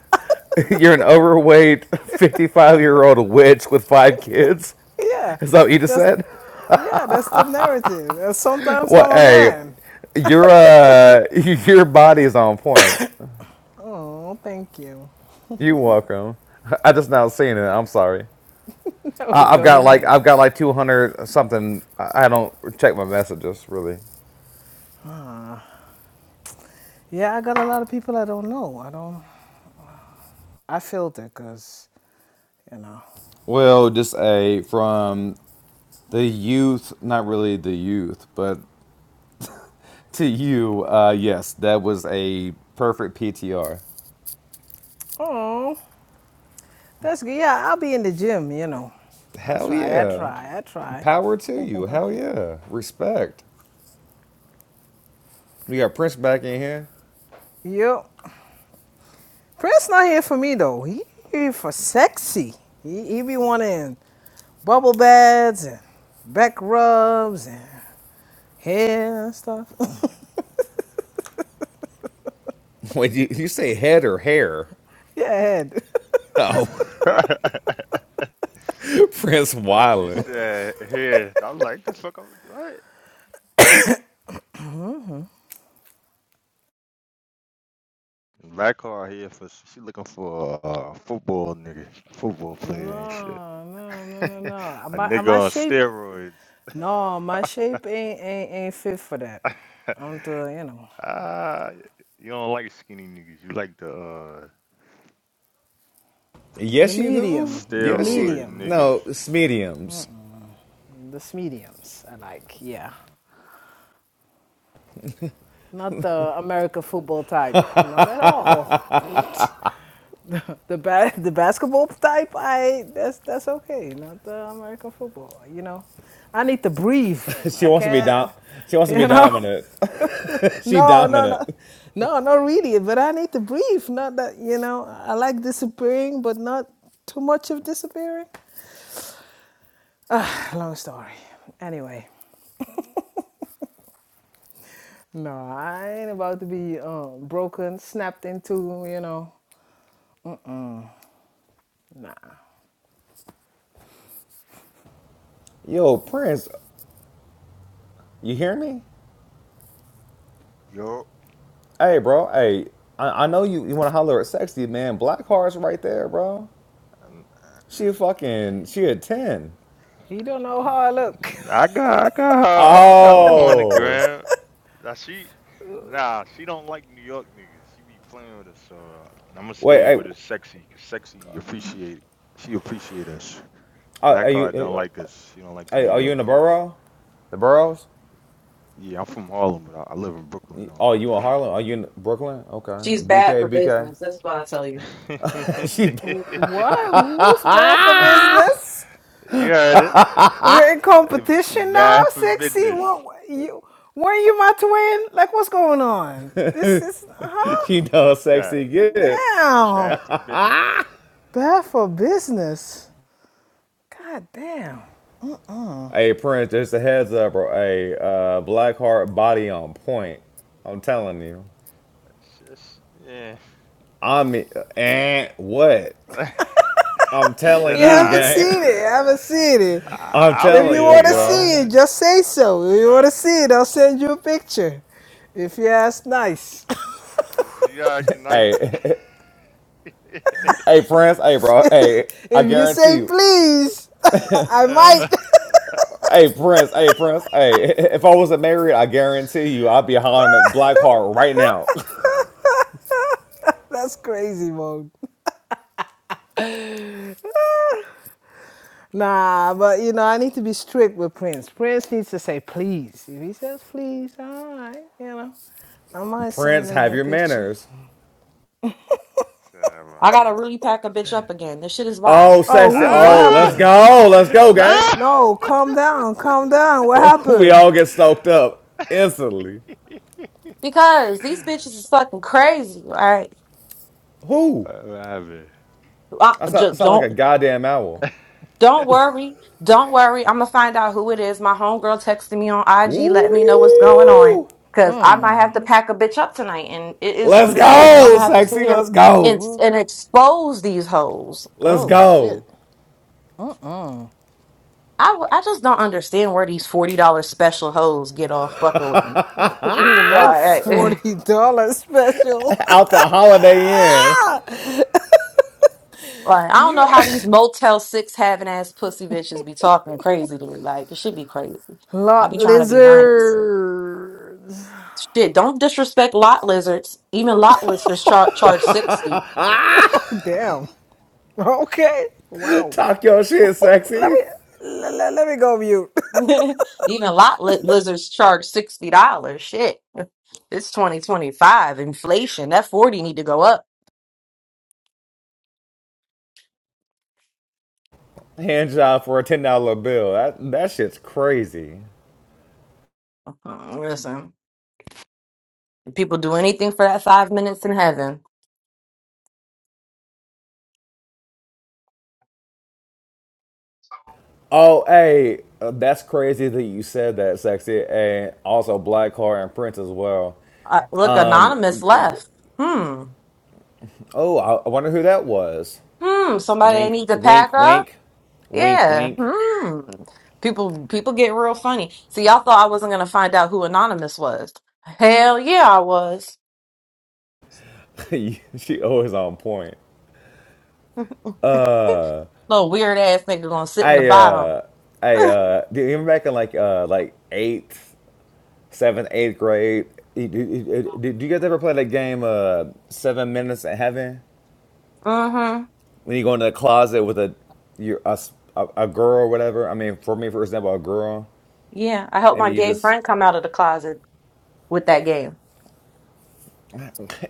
Speaker 11: You're an overweight 55 year old witch with five kids.
Speaker 7: Yeah,
Speaker 11: Is that what you just
Speaker 7: that's
Speaker 11: said?
Speaker 7: yeah, that's the narrative. And sometimes
Speaker 11: Well,
Speaker 7: I'm a
Speaker 11: hey,
Speaker 7: man.
Speaker 11: your uh, your body is on point.
Speaker 7: Oh, thank you.
Speaker 11: You are welcome. I just now seen it. I'm sorry.
Speaker 7: No, it
Speaker 11: I, I've got
Speaker 7: doesn't
Speaker 11: like
Speaker 7: matter.
Speaker 11: I've got like 200 something. I I don't check my messages really.
Speaker 7: Yeah, I got a lot of people I don't know. I don't. I filter because you know.
Speaker 11: Well, just a from the youth, not really the youth, but to you, uh, yes, that was a perfect PTR.
Speaker 7: Oh, that's good. Yeah, I'll be in the gym. You know, I
Speaker 11: Hell
Speaker 7: try. I
Speaker 11: yeah.
Speaker 7: try. I try.
Speaker 11: Power to you. Hell yeah. Respect. We got Prince back in here.
Speaker 7: Yep. Prince not here for me though. He here for sexy. He, he be wanting bubble baths and back rubs and hair and stuff.
Speaker 11: Wait, you, you say head or hair?
Speaker 7: yeah, head.
Speaker 4: That's
Speaker 11: Oh, Prince
Speaker 4: she
Speaker 11: Wildin'.
Speaker 4: said here. I am like, the fuck I'm what? Black card here for she looking for a uh, football nigga, football player and shit.
Speaker 7: no, no, no, no, no. Uh,
Speaker 4: a
Speaker 7: My uh, my
Speaker 4: nigga on
Speaker 7: shape.
Speaker 4: steroids.
Speaker 7: No, my shape ain't ain't ain't fit for that. I'm the you know
Speaker 4: Ah, you don't like skinny niggas. You like the uh
Speaker 7: the
Speaker 11: Yes, you
Speaker 4: The
Speaker 11: do.
Speaker 7: medium, the
Speaker 11: Yes, you.
Speaker 4: steroid
Speaker 7: medium,
Speaker 4: niggas.
Speaker 11: No, it's mediums.
Speaker 7: the mediums. I like yeah. Not the American football type. Not at all. the ba- the basketball type, I that's that's okay. Not the American football. You know, I need to breathe.
Speaker 11: she
Speaker 7: I
Speaker 11: wants to be dom.
Speaker 7: can't.
Speaker 11: She wants to
Speaker 7: You
Speaker 11: be
Speaker 7: know,
Speaker 11: dominant. she
Speaker 7: no, no, no,
Speaker 11: dominant.
Speaker 7: no, not really. But I need to breathe. Not that you know. I like disappearing, but not too much of disappearing. Ah, long story. Anyway, no, I ain't about to be uh, broken, snapped into. You know, nah.
Speaker 11: Yo, Prince, you hear me?
Speaker 4: Yo,
Speaker 11: Hey, bro. Hey, I, I know you, you want to holler at sexy, man. Black Heart's right there, bro.
Speaker 4: uh,
Speaker 11: She a fucking, she a 10.
Speaker 7: He don't know how I look.
Speaker 4: I got, I got her, I got her on the
Speaker 11: Oh.
Speaker 4: ground. Now she, nah, she don't like New York niggas. She be playing with us, so uh, I'm gonna
Speaker 11: Wait,
Speaker 4: stay
Speaker 11: I,
Speaker 4: with us sexy, cause sexy appreciate, she appreciate us.
Speaker 11: are,
Speaker 4: Black
Speaker 11: are you
Speaker 4: card don't like
Speaker 11: uh,
Speaker 4: us. She don't like the
Speaker 11: are
Speaker 4: New
Speaker 11: are you
Speaker 4: York
Speaker 11: in the
Speaker 4: niggas.
Speaker 11: borough? The boroughs?
Speaker 4: Yeah, I'm from Harlem, but I, I live in Brooklyn though.
Speaker 11: Oh, you in Harlem? Are you in Brooklyn? Okay.
Speaker 1: She's bad for
Speaker 11: BK,
Speaker 1: business. That's why I tell you.
Speaker 11: BK. she
Speaker 7: What? Who's bad for business?
Speaker 4: you heard
Speaker 7: We're in
Speaker 4: it. Uh,
Speaker 7: competition now,
Speaker 4: Bad for
Speaker 7: sexy.
Speaker 4: business.
Speaker 7: What what- you? Were you my twin? Like, what's going on? This is huh?
Speaker 11: she
Speaker 4: I fuck
Speaker 11: knows
Speaker 4: that.
Speaker 11: sexy gifts.
Speaker 7: Damn,
Speaker 4: Bad for business.
Speaker 7: bad for business. God damn.
Speaker 11: Hey Prince, just a heads up, bro. Hey, uh, black heart body on point. I'm telling you.
Speaker 4: That's just, yeah.
Speaker 11: I mean, and what? I'm telling
Speaker 4: Should
Speaker 7: You
Speaker 11: you,
Speaker 7: haven't
Speaker 11: gang.
Speaker 4: I?
Speaker 7: seen it. You haven't seen it.
Speaker 4: I
Speaker 11: I'm
Speaker 4: I be
Speaker 7: If
Speaker 11: telling
Speaker 7: you
Speaker 11: you,
Speaker 7: want
Speaker 4: seeing
Speaker 7: to
Speaker 4: her in
Speaker 11: bro.
Speaker 7: see
Speaker 4: the.
Speaker 7: it, just say
Speaker 4: I be
Speaker 7: so. If
Speaker 4: seeing
Speaker 7: you want
Speaker 4: her
Speaker 7: to
Speaker 4: in
Speaker 7: see it,
Speaker 4: the.
Speaker 7: I'll send you a picture. If you ask nice.
Speaker 4: ju- If you ask nice
Speaker 11: Hey,
Speaker 4: as.
Speaker 11: hey, Prince. Hey, bro.
Speaker 7: if
Speaker 11: Hey, I
Speaker 7: you
Speaker 11: guarantee
Speaker 7: say
Speaker 11: you.
Speaker 7: please, I might.
Speaker 4: yeah.
Speaker 11: Hey Prince, hey Prince, hey! If I wasn't married, I guarantee you I'd be hollering at Blackheart right now.
Speaker 7: That's crazy, mode. Nah, but you know, I need to be strict with Prince. Prince needs to say please. If he says please, all right, you know. I might
Speaker 11: Prince,
Speaker 7: send him
Speaker 11: have
Speaker 7: the
Speaker 11: your
Speaker 7: picture.
Speaker 11: manners.
Speaker 4: Damn,
Speaker 1: I
Speaker 4: my
Speaker 1: gotta
Speaker 4: man.
Speaker 1: really pack a bitch up again. This shit is wild
Speaker 11: Oh,
Speaker 7: Oh,
Speaker 11: sexy!
Speaker 7: who? What
Speaker 11: Oh,
Speaker 4: Ah!
Speaker 11: let's
Speaker 7: happened?
Speaker 11: go, Oh, let's go, gang.
Speaker 4: Ah!
Speaker 7: No, calm down, calm down. What
Speaker 11: We
Speaker 7: happened?
Speaker 11: all get stoked up instantly.
Speaker 1: because these bitches is fucking crazy. All right,
Speaker 11: Who?
Speaker 4: What happened?
Speaker 1: I,
Speaker 11: I sound,
Speaker 1: ju-
Speaker 11: sound like
Speaker 1: don't
Speaker 11: a goddamn owl.
Speaker 1: Don't worry. Don't worry. I'm going to find out who it is. My homegirl texted me on IG, let me know what's going on.
Speaker 11: Woo!
Speaker 1: Because I might have
Speaker 7: Mm.
Speaker 1: to pack a bitch up tonight, and it is
Speaker 11: Let's
Speaker 1: what it is. I'm
Speaker 11: go,
Speaker 1: going to have to
Speaker 7: Oh.
Speaker 1: sit
Speaker 11: sexy.
Speaker 1: here
Speaker 11: Let's
Speaker 1: and,
Speaker 11: go.
Speaker 1: and expose these hoes.
Speaker 11: Let's
Speaker 7: Oh
Speaker 11: go.
Speaker 7: shit. Uh-uh.
Speaker 1: I, w- I just don't understand where these $40 special hoes get off fucking with me.
Speaker 7: Ooh, not
Speaker 1: Like, like,
Speaker 7: forty dollar special.
Speaker 11: Out the Holiday Inn.
Speaker 1: I don't know
Speaker 7: You're
Speaker 1: how these Motel 6 having ass pussy bitches be talking crazy to me. Like, it should be crazy. I
Speaker 7: lot
Speaker 1: be trying to be nice.
Speaker 7: lizard.
Speaker 1: Shit, don't disrespect lot lizards. Even lot lizards char- charge 60.
Speaker 7: Oh damn. Okay. Wow.
Speaker 11: Talk your shit,
Speaker 7: Let
Speaker 11: sexy.
Speaker 7: me let, let me go mute.
Speaker 1: Even lot li- lizards charge $60. Shit. It's 2025. Inflation. That 40 need to go up.
Speaker 11: hand job for a ten dollar bill. That that shit's crazy.
Speaker 1: Mm, Listen, people do anything for that five minutes in heaven.
Speaker 11: Oh, hey, uh, that's crazy that you said that, sexy. And also Black Car and Prince as well.
Speaker 1: Uh, look, Anonymous left. Hmm.
Speaker 11: Oh, I, I wonder who that was.
Speaker 1: Hmm. Somebody that
Speaker 11: Wink,
Speaker 1: need to pack
Speaker 11: wink,
Speaker 1: up?
Speaker 11: wink, wink,
Speaker 1: Yeah.
Speaker 11: wink.
Speaker 1: Hmm. People people get real funny. See, y'all thought I wasn't gonna find out who Anonymous was. Hell yeah, I was.
Speaker 11: she always on point. Uh,
Speaker 1: Little weird ass nigga gonna sit in the
Speaker 11: I
Speaker 1: bottom.
Speaker 11: uh, I uh, do you remember back in like uh, like eighth, seventh, eighth grade? Did, did, did you guys ever play that game, uh, Seven Minutes in Heaven?
Speaker 1: Mm-hmm.
Speaker 11: when you go into the closet with a you a a a girl or whatever. I mean, for me, for example, a girl,
Speaker 1: Yeah, I helped
Speaker 11: and
Speaker 1: my
Speaker 11: you
Speaker 1: gay
Speaker 11: just
Speaker 1: friend come out of the closet with that game.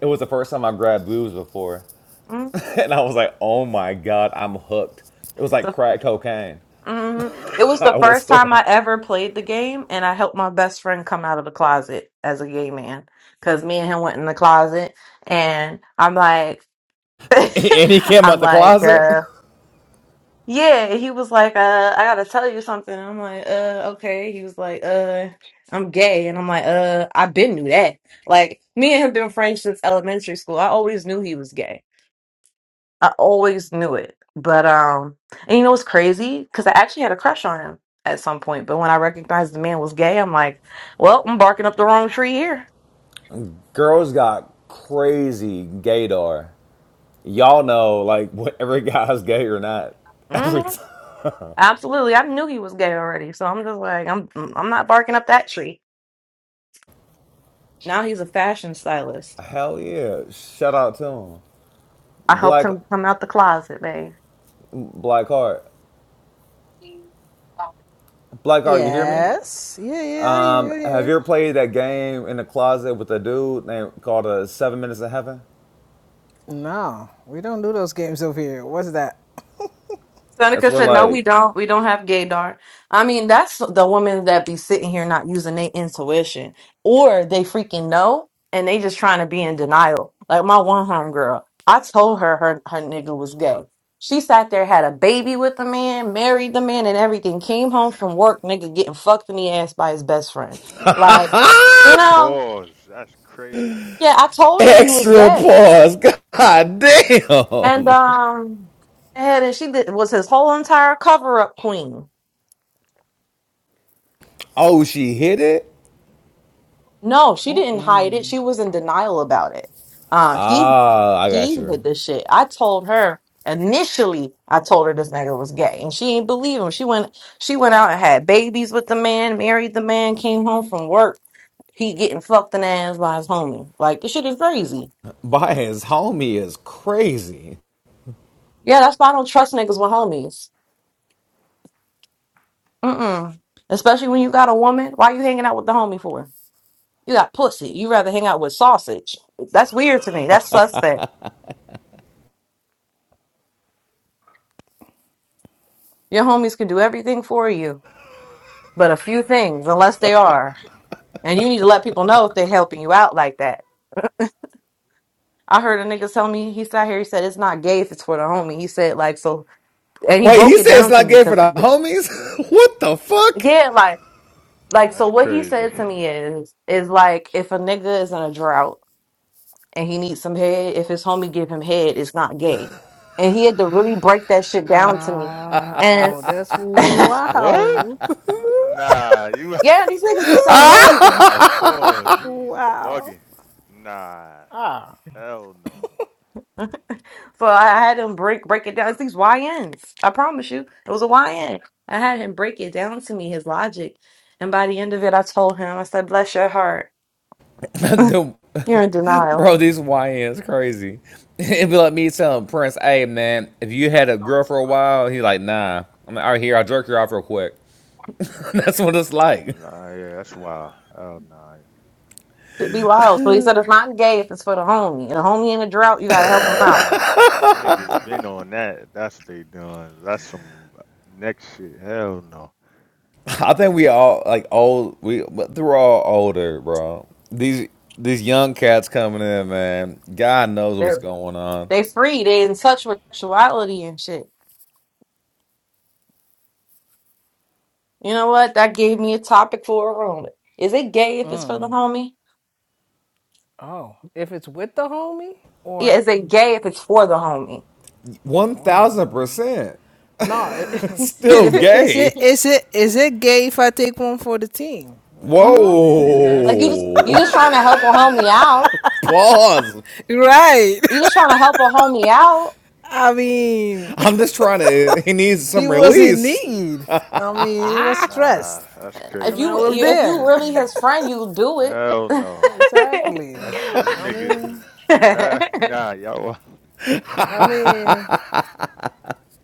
Speaker 11: it was the first time I grabbed booze before,
Speaker 1: Mm-hmm.
Speaker 11: and I was like, oh my god, I'm hooked. It was like crack cocaine.
Speaker 1: It was the
Speaker 11: I was
Speaker 1: first time
Speaker 11: hooked.
Speaker 1: I ever played the game, and I helped my best friend come out of the closet as a gay man. Cause me and him went in the closet, and I'm like,
Speaker 11: and he came
Speaker 1: I'm
Speaker 11: out the
Speaker 1: like,
Speaker 11: closet.
Speaker 1: yeah. Yeah, he was like, uh, I gotta tell you something. I'm like, uh, okay. He was like, uh, I'm gay. And I'm like, uh, i been knew that. Like, me and him been friends since elementary school. I always knew he was gay. I always knew it. But, um, and you know what's crazy? Because I actually had a crush on him at some point. But when I recognized the man was gay, I'm like, well, I'm barking up the wrong tree here.
Speaker 11: Girls got crazy gaydar. Y'all know, like, whatever guy's gay or not,
Speaker 1: hmm
Speaker 11: every time.
Speaker 1: Absolutely. I knew he was gay already. So I'm just like, I'm, I'm not barking up that tree. Now he's a fashion stylist.
Speaker 11: Hell yeah! Shout out to him,
Speaker 1: I helped
Speaker 11: Black
Speaker 1: him come out the closet, babe.
Speaker 11: Black Heart. Black Heart, you hear me?
Speaker 7: Yes. Yeah, yeah, I hear you.
Speaker 11: Um,
Speaker 7: I hear
Speaker 11: have you
Speaker 7: you.
Speaker 11: ever played that game in the closet with a dude named called uh, Seven Minutes in Heaven?
Speaker 7: No, we don't do those games over here. What's that?
Speaker 11: That's
Speaker 1: Seneca
Speaker 11: where
Speaker 1: said, "No,
Speaker 11: like
Speaker 1: we don't. We don't have gaydar. I mean, that's the women that be sitting here not using their intuition, or they freaking know and they just trying to be in denial. Like my one homegirl, I told her her her nigga was gay. She sat there, had a baby with the man, married the man, and everything. Came home from work, nigga getting fucked in the ass by his best friend. Like, you know,
Speaker 4: Pause. That's crazy.
Speaker 1: yeah, I told her he was
Speaker 11: Extra
Speaker 1: gay,
Speaker 11: pause. God
Speaker 1: And
Speaker 11: damn.
Speaker 1: um and and she did, was his whole entire cover up queen.
Speaker 11: Oh, she hit it?
Speaker 1: No, she didn't
Speaker 7: Mm-mm.
Speaker 1: hide it. She was in denial about it. Um he
Speaker 11: Ah, I
Speaker 1: she
Speaker 11: got
Speaker 1: hid
Speaker 11: you.
Speaker 1: the shit. I told her initially I told her this nigga was gay and she ain't believe him. She went she went out and had babies with the man, married the man, came home from work. He getting fucked in the ass by his homie. Like this shit is crazy.
Speaker 11: By his homie is crazy.
Speaker 1: Yeah, that's why I don't trust niggas with homies. Mm mm. Especially when you got a woman. Why you hanging out with the homie for? You got pussy. You rather hang out with sausage. That's weird to me. That's suspect. Your homies can do everything for you, but a few things, unless they are. And you need to let people know if they're helping you out like that. I heard a nigga tell me, he's out here, he said, it's not gay if it's for the homie. He said, like, so, and he
Speaker 11: Wait,
Speaker 1: broke
Speaker 11: he
Speaker 1: it
Speaker 11: said it's
Speaker 1: down to
Speaker 11: not
Speaker 1: me
Speaker 11: gay for
Speaker 1: because,
Speaker 11: the homies? what the fuck?
Speaker 1: yeah, like, like,
Speaker 4: Nah,
Speaker 1: so
Speaker 4: that's
Speaker 1: what he
Speaker 4: crazy.
Speaker 1: said to me is, is like, if a nigga is in a drought and he needs some head, if his homie give him head, it's not gay. And he had to really break that shit down to me.
Speaker 7: Uh,
Speaker 1: And
Speaker 7: oh, that's
Speaker 4: What?
Speaker 7: wild.
Speaker 4: Nah, you.
Speaker 1: Yeah, these niggas be saying
Speaker 4: Uh,
Speaker 1: anything.
Speaker 4: Nah, pause. He's
Speaker 7: wow.
Speaker 4: bugging. Nah,
Speaker 7: Ah.
Speaker 4: hell no.
Speaker 1: For I had him break break it down. It's these YNs. I promise you. It was a YN. I had him break it down to me, his logic. And by the end of it, I told him, I said, bless your heart.
Speaker 11: the,
Speaker 1: You're in denial.
Speaker 11: bro, these YN is crazy. It'd be like me telling Prince, hey man, if you had a girl for a while, he like, nah. I'm like, all right, here, I'll jerk her off real quick. That's what it's like.
Speaker 4: Nah, yeah, that's wild. Hell nah.
Speaker 1: Should be loud. So he said, it's not gay if it's for the homie. And a homie in a drought, you gotta help him out.
Speaker 4: Nah, the niggas been on that. That's what they doing. That's some next shit. Hell no.
Speaker 11: I think we all like old we but they are all older, bro. These these young cats coming in, man. God knows what's
Speaker 1: They're
Speaker 11: going on.
Speaker 1: they free. They in touch with sexuality and shit. You know what? That gave me a topic for a room. Is it gay if it's for the homie?
Speaker 7: Oh, if it's with the homie
Speaker 1: Yeah,
Speaker 7: or
Speaker 1: is it gay if it's for the homie?
Speaker 11: One
Speaker 7: for the
Speaker 11: thousand
Speaker 7: homie.
Speaker 11: percent.
Speaker 7: No, it,
Speaker 11: Still
Speaker 7: if it is it
Speaker 11: gay.
Speaker 7: is it is it gay if I take one for the team? Well,
Speaker 1: hmm
Speaker 7: I, mean,
Speaker 11: Whoa.
Speaker 7: I
Speaker 1: Like
Speaker 7: guess.
Speaker 1: you just you just trying to help a homie out.
Speaker 11: Pause.
Speaker 7: right.
Speaker 1: You just trying to help a homie out.
Speaker 7: I mean.
Speaker 11: I'm just trying to he needs
Speaker 7: He
Speaker 11: some
Speaker 7: was in
Speaker 11: release.
Speaker 7: need. I mean, he was stressed,
Speaker 4: Nah, that's
Speaker 1: If
Speaker 7: and I
Speaker 4: crazy.
Speaker 1: you
Speaker 7: was
Speaker 1: you- if you
Speaker 7: there.
Speaker 1: really
Speaker 4: Mm-mm.
Speaker 1: his friend, you do it.
Speaker 4: Hell no.
Speaker 7: exactly.
Speaker 4: That's them
Speaker 7: I
Speaker 4: niggas is.
Speaker 7: mean,
Speaker 4: Uh, nah, y'all. wild.
Speaker 7: I mean,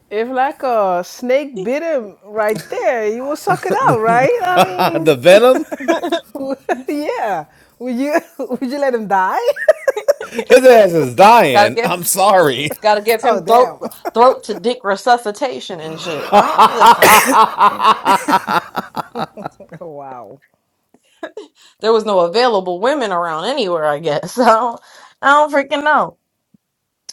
Speaker 7: if like a snake bit him right there, he would suck it out, right? I mean,
Speaker 11: the Venom?
Speaker 1: gotta
Speaker 7: yeah. Would you would you let him die?
Speaker 11: His ass is dying.
Speaker 1: give
Speaker 11: I'm sorry.
Speaker 1: gotta give
Speaker 7: oh
Speaker 1: him throat
Speaker 7: damn!
Speaker 1: throat to dick resuscitation and shit. Uh, listen,
Speaker 7: wow.
Speaker 1: there was no available women around anywhere. I guess so. I don't I don't freaking know.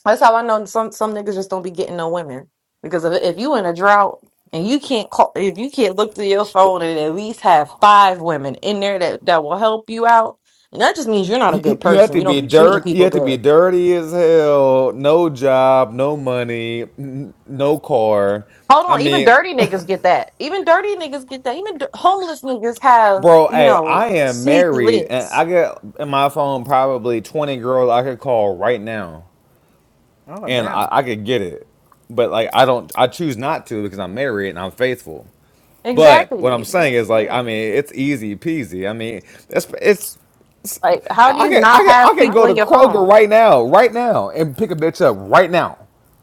Speaker 1: That's how I know some some niggas just don't be getting no women because if if you in a drought and you can't call if you can't look through your phone and at least have five women in there that that will help you out, and that just means you're not a good
Speaker 11: You have
Speaker 1: person.
Speaker 11: to
Speaker 1: You don't
Speaker 11: be
Speaker 1: be treating
Speaker 11: dirt. You
Speaker 1: people
Speaker 11: have to
Speaker 1: good.
Speaker 11: be dirty as hell. No job, no money, n- no car.
Speaker 1: Hold
Speaker 11: I
Speaker 1: on, even
Speaker 11: mean,
Speaker 1: dirty niggas get that. Even dirty niggas get that. Even d- homeless niggas have
Speaker 11: bro,
Speaker 1: you
Speaker 11: hey,
Speaker 1: know
Speaker 11: I am
Speaker 1: sneaky
Speaker 11: married, and
Speaker 1: links.
Speaker 11: I get in my phone probably twenty girls I could call right now,
Speaker 7: Oh
Speaker 11: and I,
Speaker 7: damn.
Speaker 11: I could get it. But like, I don't. I choose not to because I'm married and I'm faithful. But what I'm
Speaker 1: Exactly.
Speaker 11: saying
Speaker 7: That's
Speaker 11: is like, I
Speaker 7: good.
Speaker 11: mean, it's easy peasy. I mean, it's it's
Speaker 1: Like, how do
Speaker 11: I
Speaker 1: you
Speaker 11: can I
Speaker 1: not
Speaker 11: can
Speaker 1: have
Speaker 11: I can
Speaker 7: I
Speaker 1: people
Speaker 11: go
Speaker 7: don't
Speaker 11: to
Speaker 1: in your
Speaker 7: know.
Speaker 11: Kroger
Speaker 1: phone?
Speaker 11: right now, right now, and pick a bitch up right now.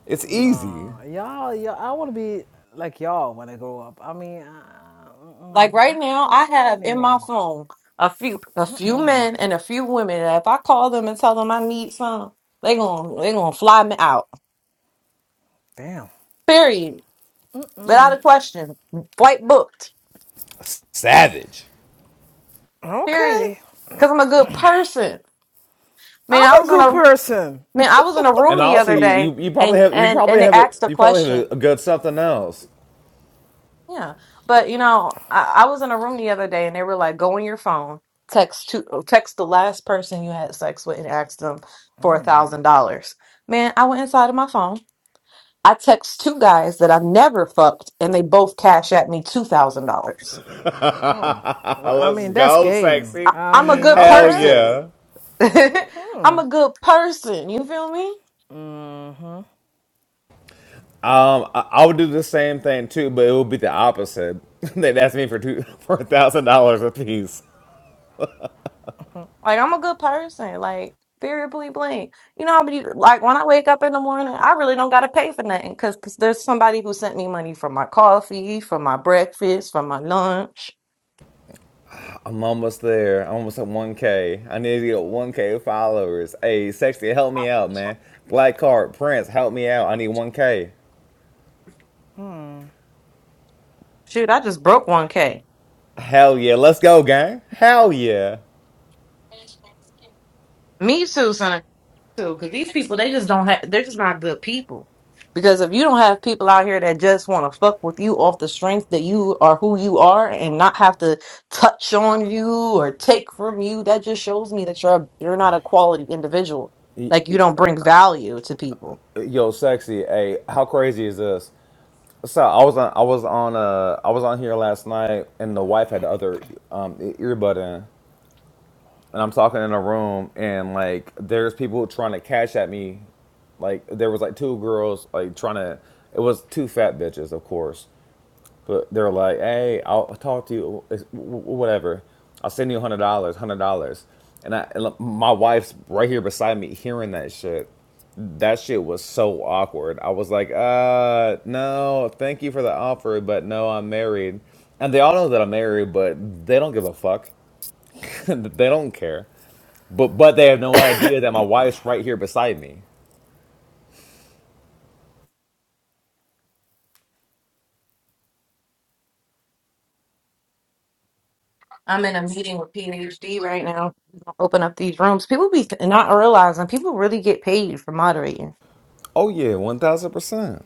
Speaker 11: It's easy.
Speaker 7: Nah, y'all, y'all, I want to be like y'all when I grow up. I mean, I, mm-mm,
Speaker 1: Like right
Speaker 7: I
Speaker 1: now,
Speaker 7: couldn't
Speaker 1: I
Speaker 7: call
Speaker 1: have in my
Speaker 7: anyone.
Speaker 1: phone a few a few men and a few women that if I call them and tell them I need some, they gon' they gonna fly me out.
Speaker 7: Damn.
Speaker 1: Period. Without a question. Flight booked.
Speaker 11: Savage.
Speaker 7: Okay,
Speaker 1: Period. Because I'm a good person.
Speaker 7: I'm
Speaker 1: Man, I
Speaker 7: a
Speaker 1: was in
Speaker 7: good
Speaker 1: a
Speaker 7: person.
Speaker 1: man, I was in a room
Speaker 11: And
Speaker 1: the
Speaker 11: also,
Speaker 1: other
Speaker 11: you
Speaker 1: day
Speaker 11: you probably
Speaker 1: and
Speaker 11: have you
Speaker 1: and
Speaker 11: probably
Speaker 1: and they
Speaker 11: have a
Speaker 1: asked a
Speaker 11: you probably have
Speaker 1: question.
Speaker 11: a, a good something else.
Speaker 1: Yeah, but you know, I, I was in a room the other day and they were like, "Go on your phone, text to uh, text the last person you had sex with and ask them for a thousand dollars." Man, I went inside of my phone. I text two guys that I never fucked, and they both cash at me two thousand dollars.
Speaker 7: Oh, well, I
Speaker 11: Let's
Speaker 7: mean, that's
Speaker 11: go,
Speaker 7: game.
Speaker 11: sexy.
Speaker 7: I
Speaker 1: I'm a
Speaker 7: mean,
Speaker 1: good
Speaker 11: Hell
Speaker 7: okay.
Speaker 1: person.
Speaker 11: yeah.
Speaker 7: Hmm.
Speaker 1: I'm a good person. You feel me?
Speaker 7: Mm,
Speaker 11: Um, I, I would do the same thing too, but it would be the opposite. They'd ask me for two for a thousand dollars a piece.
Speaker 1: Like I'm a good person. Like variably blank. You know how many like when I wake up in the morning, I really don't gotta pay for nothing because there's somebody who sent me money for my coffee, for my breakfast, for my lunch.
Speaker 11: I'm almost there. I'm almost at 1K. I need to get 1K followers. Hey, sexy, help me out, man. Black Card, Prince, help me out. I need 1K.
Speaker 1: Shoot, I just broke one k.
Speaker 11: Hell yeah, let's go, gang. Hell yeah.
Speaker 1: Me too, son. too, because these people they just don't have they're just not good people. Because if you don't have people out here that just want to fuck with you off the strength that you are who you are and not have to touch on you or take from you, that just shows me that you're a, you're not a quality individual. Like you don't bring value to people.
Speaker 11: Yo, sexy. Hey, how crazy is this? So I was on, I was on, uh, I was on here last night, and the wife had the other um, e- earbud in, and I'm talking in a room, and like there's people trying to cash at me like there was like two girls like trying to it was two fat bitches of course But they're like, hey, I'll talk to you, it's, whatever. I'll send you hundred dollars, hundred dollars. And I, and my wife's right here beside me, hearing that shit. That shit was so awkward. I was like, uh, no, thank you for the offer, but no, I'm married. And they all know that I'm married, but they don't give a fuck. they don't care. But but they have no idea that my wife's right here beside me.
Speaker 1: I'm in a meeting with PhD right now. Open up these rooms. People be not realizing people really get paid for moderating.
Speaker 11: Oh yeah, one thousand percent.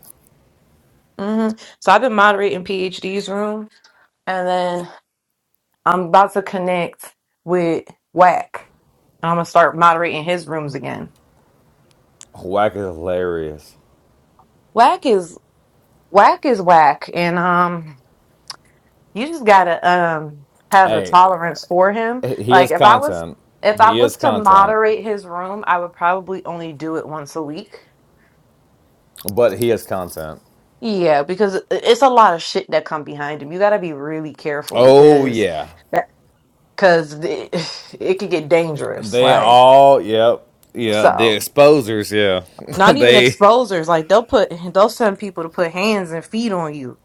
Speaker 1: hmm So I've been moderating PhD's room, and then I'm about to connect with Whack. I'm gonna start moderating his rooms again.
Speaker 11: Whack is hilarious.
Speaker 1: Whack is Whack is Whack, and um, you just gotta um have the
Speaker 11: Hey,
Speaker 1: tolerance for him.
Speaker 11: He
Speaker 1: Like
Speaker 11: is
Speaker 1: if I was
Speaker 11: content.
Speaker 1: if I
Speaker 11: He is
Speaker 1: was to
Speaker 11: content.
Speaker 1: moderate his room, I would probably only do it once a week.
Speaker 11: But he is content.
Speaker 1: Yeah, because it- it's a lot of shit that come behind him. You gotta be really careful
Speaker 11: Oh
Speaker 1: because
Speaker 11: yeah.
Speaker 1: because it, it could get dangerous.
Speaker 11: They
Speaker 1: Like
Speaker 11: all yep. Yeah,
Speaker 1: so.
Speaker 11: the exposers, yeah.
Speaker 1: Not even
Speaker 11: they
Speaker 1: exposers. Like they'll put they'll send people to put hands and feet on you.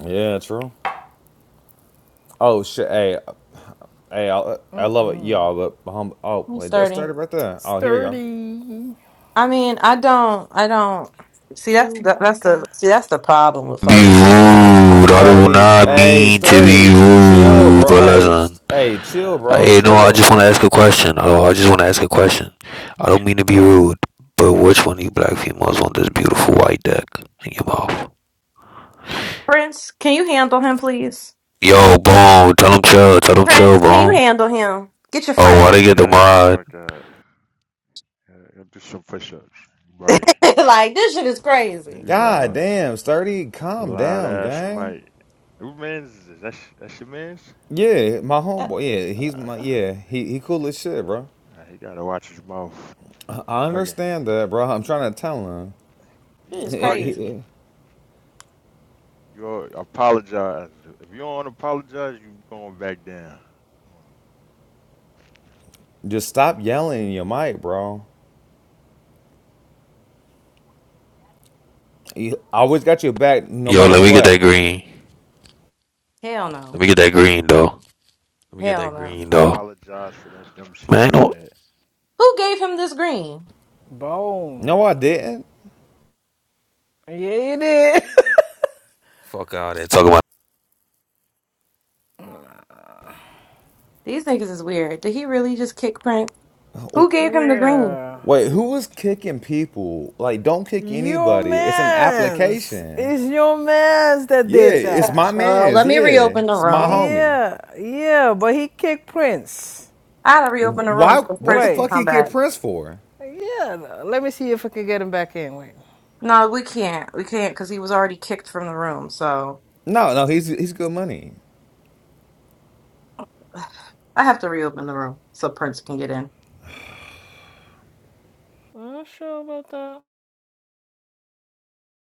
Speaker 11: Yeah, true. Oh shit. Hey, hey, I, I love it
Speaker 7: Mm-mm.
Speaker 11: y'all, but hum, oh,
Speaker 1: He's
Speaker 11: wait, that
Speaker 1: starting.
Speaker 11: started right there. Oh, here we go.
Speaker 7: Sturdy.
Speaker 1: I mean, I don't I don't see that's that, that's the
Speaker 7: Chewbacca.
Speaker 1: see that's the problem with
Speaker 12: be
Speaker 1: folks. Uh,
Speaker 12: rude. I do
Speaker 11: Sturdy.
Speaker 12: not
Speaker 1: uh,
Speaker 11: Hey,
Speaker 12: mean to be
Speaker 11: sturdy. Chill,
Speaker 12: rude,
Speaker 11: bro.
Speaker 12: but
Speaker 11: Hey,
Speaker 12: listen.
Speaker 11: st- hey, chill,
Speaker 12: I,
Speaker 11: bro.
Speaker 12: know, I
Speaker 7: Oh,
Speaker 11: Chill.
Speaker 12: just want to ask a
Speaker 7: Lord.
Speaker 12: question. Oh, I just want to ask a question. I don't mean to be rude, but which one of you black females want this beautiful white dick in your mouth?
Speaker 1: Prince, can you handle him please?
Speaker 12: Yo, boom. Tell them chill. Tell them chill,
Speaker 1: Prince, can you
Speaker 12: boom.
Speaker 1: handle him? Get your
Speaker 12: Oh,
Speaker 1: friend.
Speaker 12: why they get the
Speaker 4: Yeah, get the
Speaker 12: mod?
Speaker 4: fuck out. Uh, Go do some push-ups. You Bugging.
Speaker 1: like this shit is crazy.
Speaker 4: You
Speaker 11: God
Speaker 4: riling.
Speaker 11: damn, sturdy. Calm
Speaker 4: Loud
Speaker 11: down,
Speaker 4: ass
Speaker 11: gang.
Speaker 4: Mike. Who man's is this? That's, that's your man's?
Speaker 11: Yeah, my
Speaker 1: That
Speaker 11: homeboy. Yeah, he's
Speaker 4: Uh,
Speaker 11: my yeah. He he cool as shit, bro.
Speaker 4: nah, he gotta watch his mouth.
Speaker 11: I
Speaker 4: Bugging.
Speaker 11: understand that, bro. I'm trying to tell
Speaker 4: You
Speaker 1: shit is
Speaker 4: bugging.
Speaker 1: crazy.
Speaker 11: him.
Speaker 4: You all- apologize. If you don't apologize, you going back down.
Speaker 11: Just stop yelling in your mic, bro. I always got your back no
Speaker 12: Yo,
Speaker 11: matter
Speaker 12: let me get that
Speaker 11: what.
Speaker 12: green.
Speaker 1: Hell
Speaker 12: Let
Speaker 1: no.
Speaker 12: me get that green, though. Let me get
Speaker 4: Nah,
Speaker 1: Hell
Speaker 12: that
Speaker 1: no.
Speaker 12: green,
Speaker 4: I
Speaker 12: though.
Speaker 4: apologize for that dumb shit
Speaker 12: Man,
Speaker 4: you
Speaker 12: I know.
Speaker 4: said.
Speaker 1: Who gave him this green?
Speaker 7: Bone.
Speaker 11: No, I didn't.
Speaker 7: Yeah, it is.
Speaker 12: Fuck out there. Talking about
Speaker 1: These niggas is weird. Did he really just kick Prince? Who gave him the green?
Speaker 7: yeah.
Speaker 11: Wait, who was kicking people? Like, don't kick
Speaker 7: Your
Speaker 11: anybody. It's an
Speaker 7: mans.
Speaker 11: application.
Speaker 7: It's your mans that
Speaker 11: Yeah,
Speaker 7: did
Speaker 11: it's my
Speaker 7: that.
Speaker 1: Uh, let
Speaker 11: man's.
Speaker 1: me
Speaker 11: Yeah,
Speaker 1: reopen the
Speaker 11: it's my
Speaker 1: room.
Speaker 11: homie.
Speaker 7: Yeah, yeah, but he kicked Prince.
Speaker 1: I had to reopen the room
Speaker 11: Why?
Speaker 1: so
Speaker 11: What
Speaker 1: Prince
Speaker 11: the
Speaker 1: can
Speaker 11: fuck
Speaker 7: Wait,
Speaker 1: come
Speaker 11: he get
Speaker 1: back.
Speaker 11: Prince for?
Speaker 7: yeah, let me see if I can get him back in. Wait,
Speaker 1: No, we can't. We can't because he was already kicked from the room. So
Speaker 11: No, no, he's he's good money.
Speaker 1: I have to reopen the room so Prince can get in.
Speaker 7: I'm not sure about that.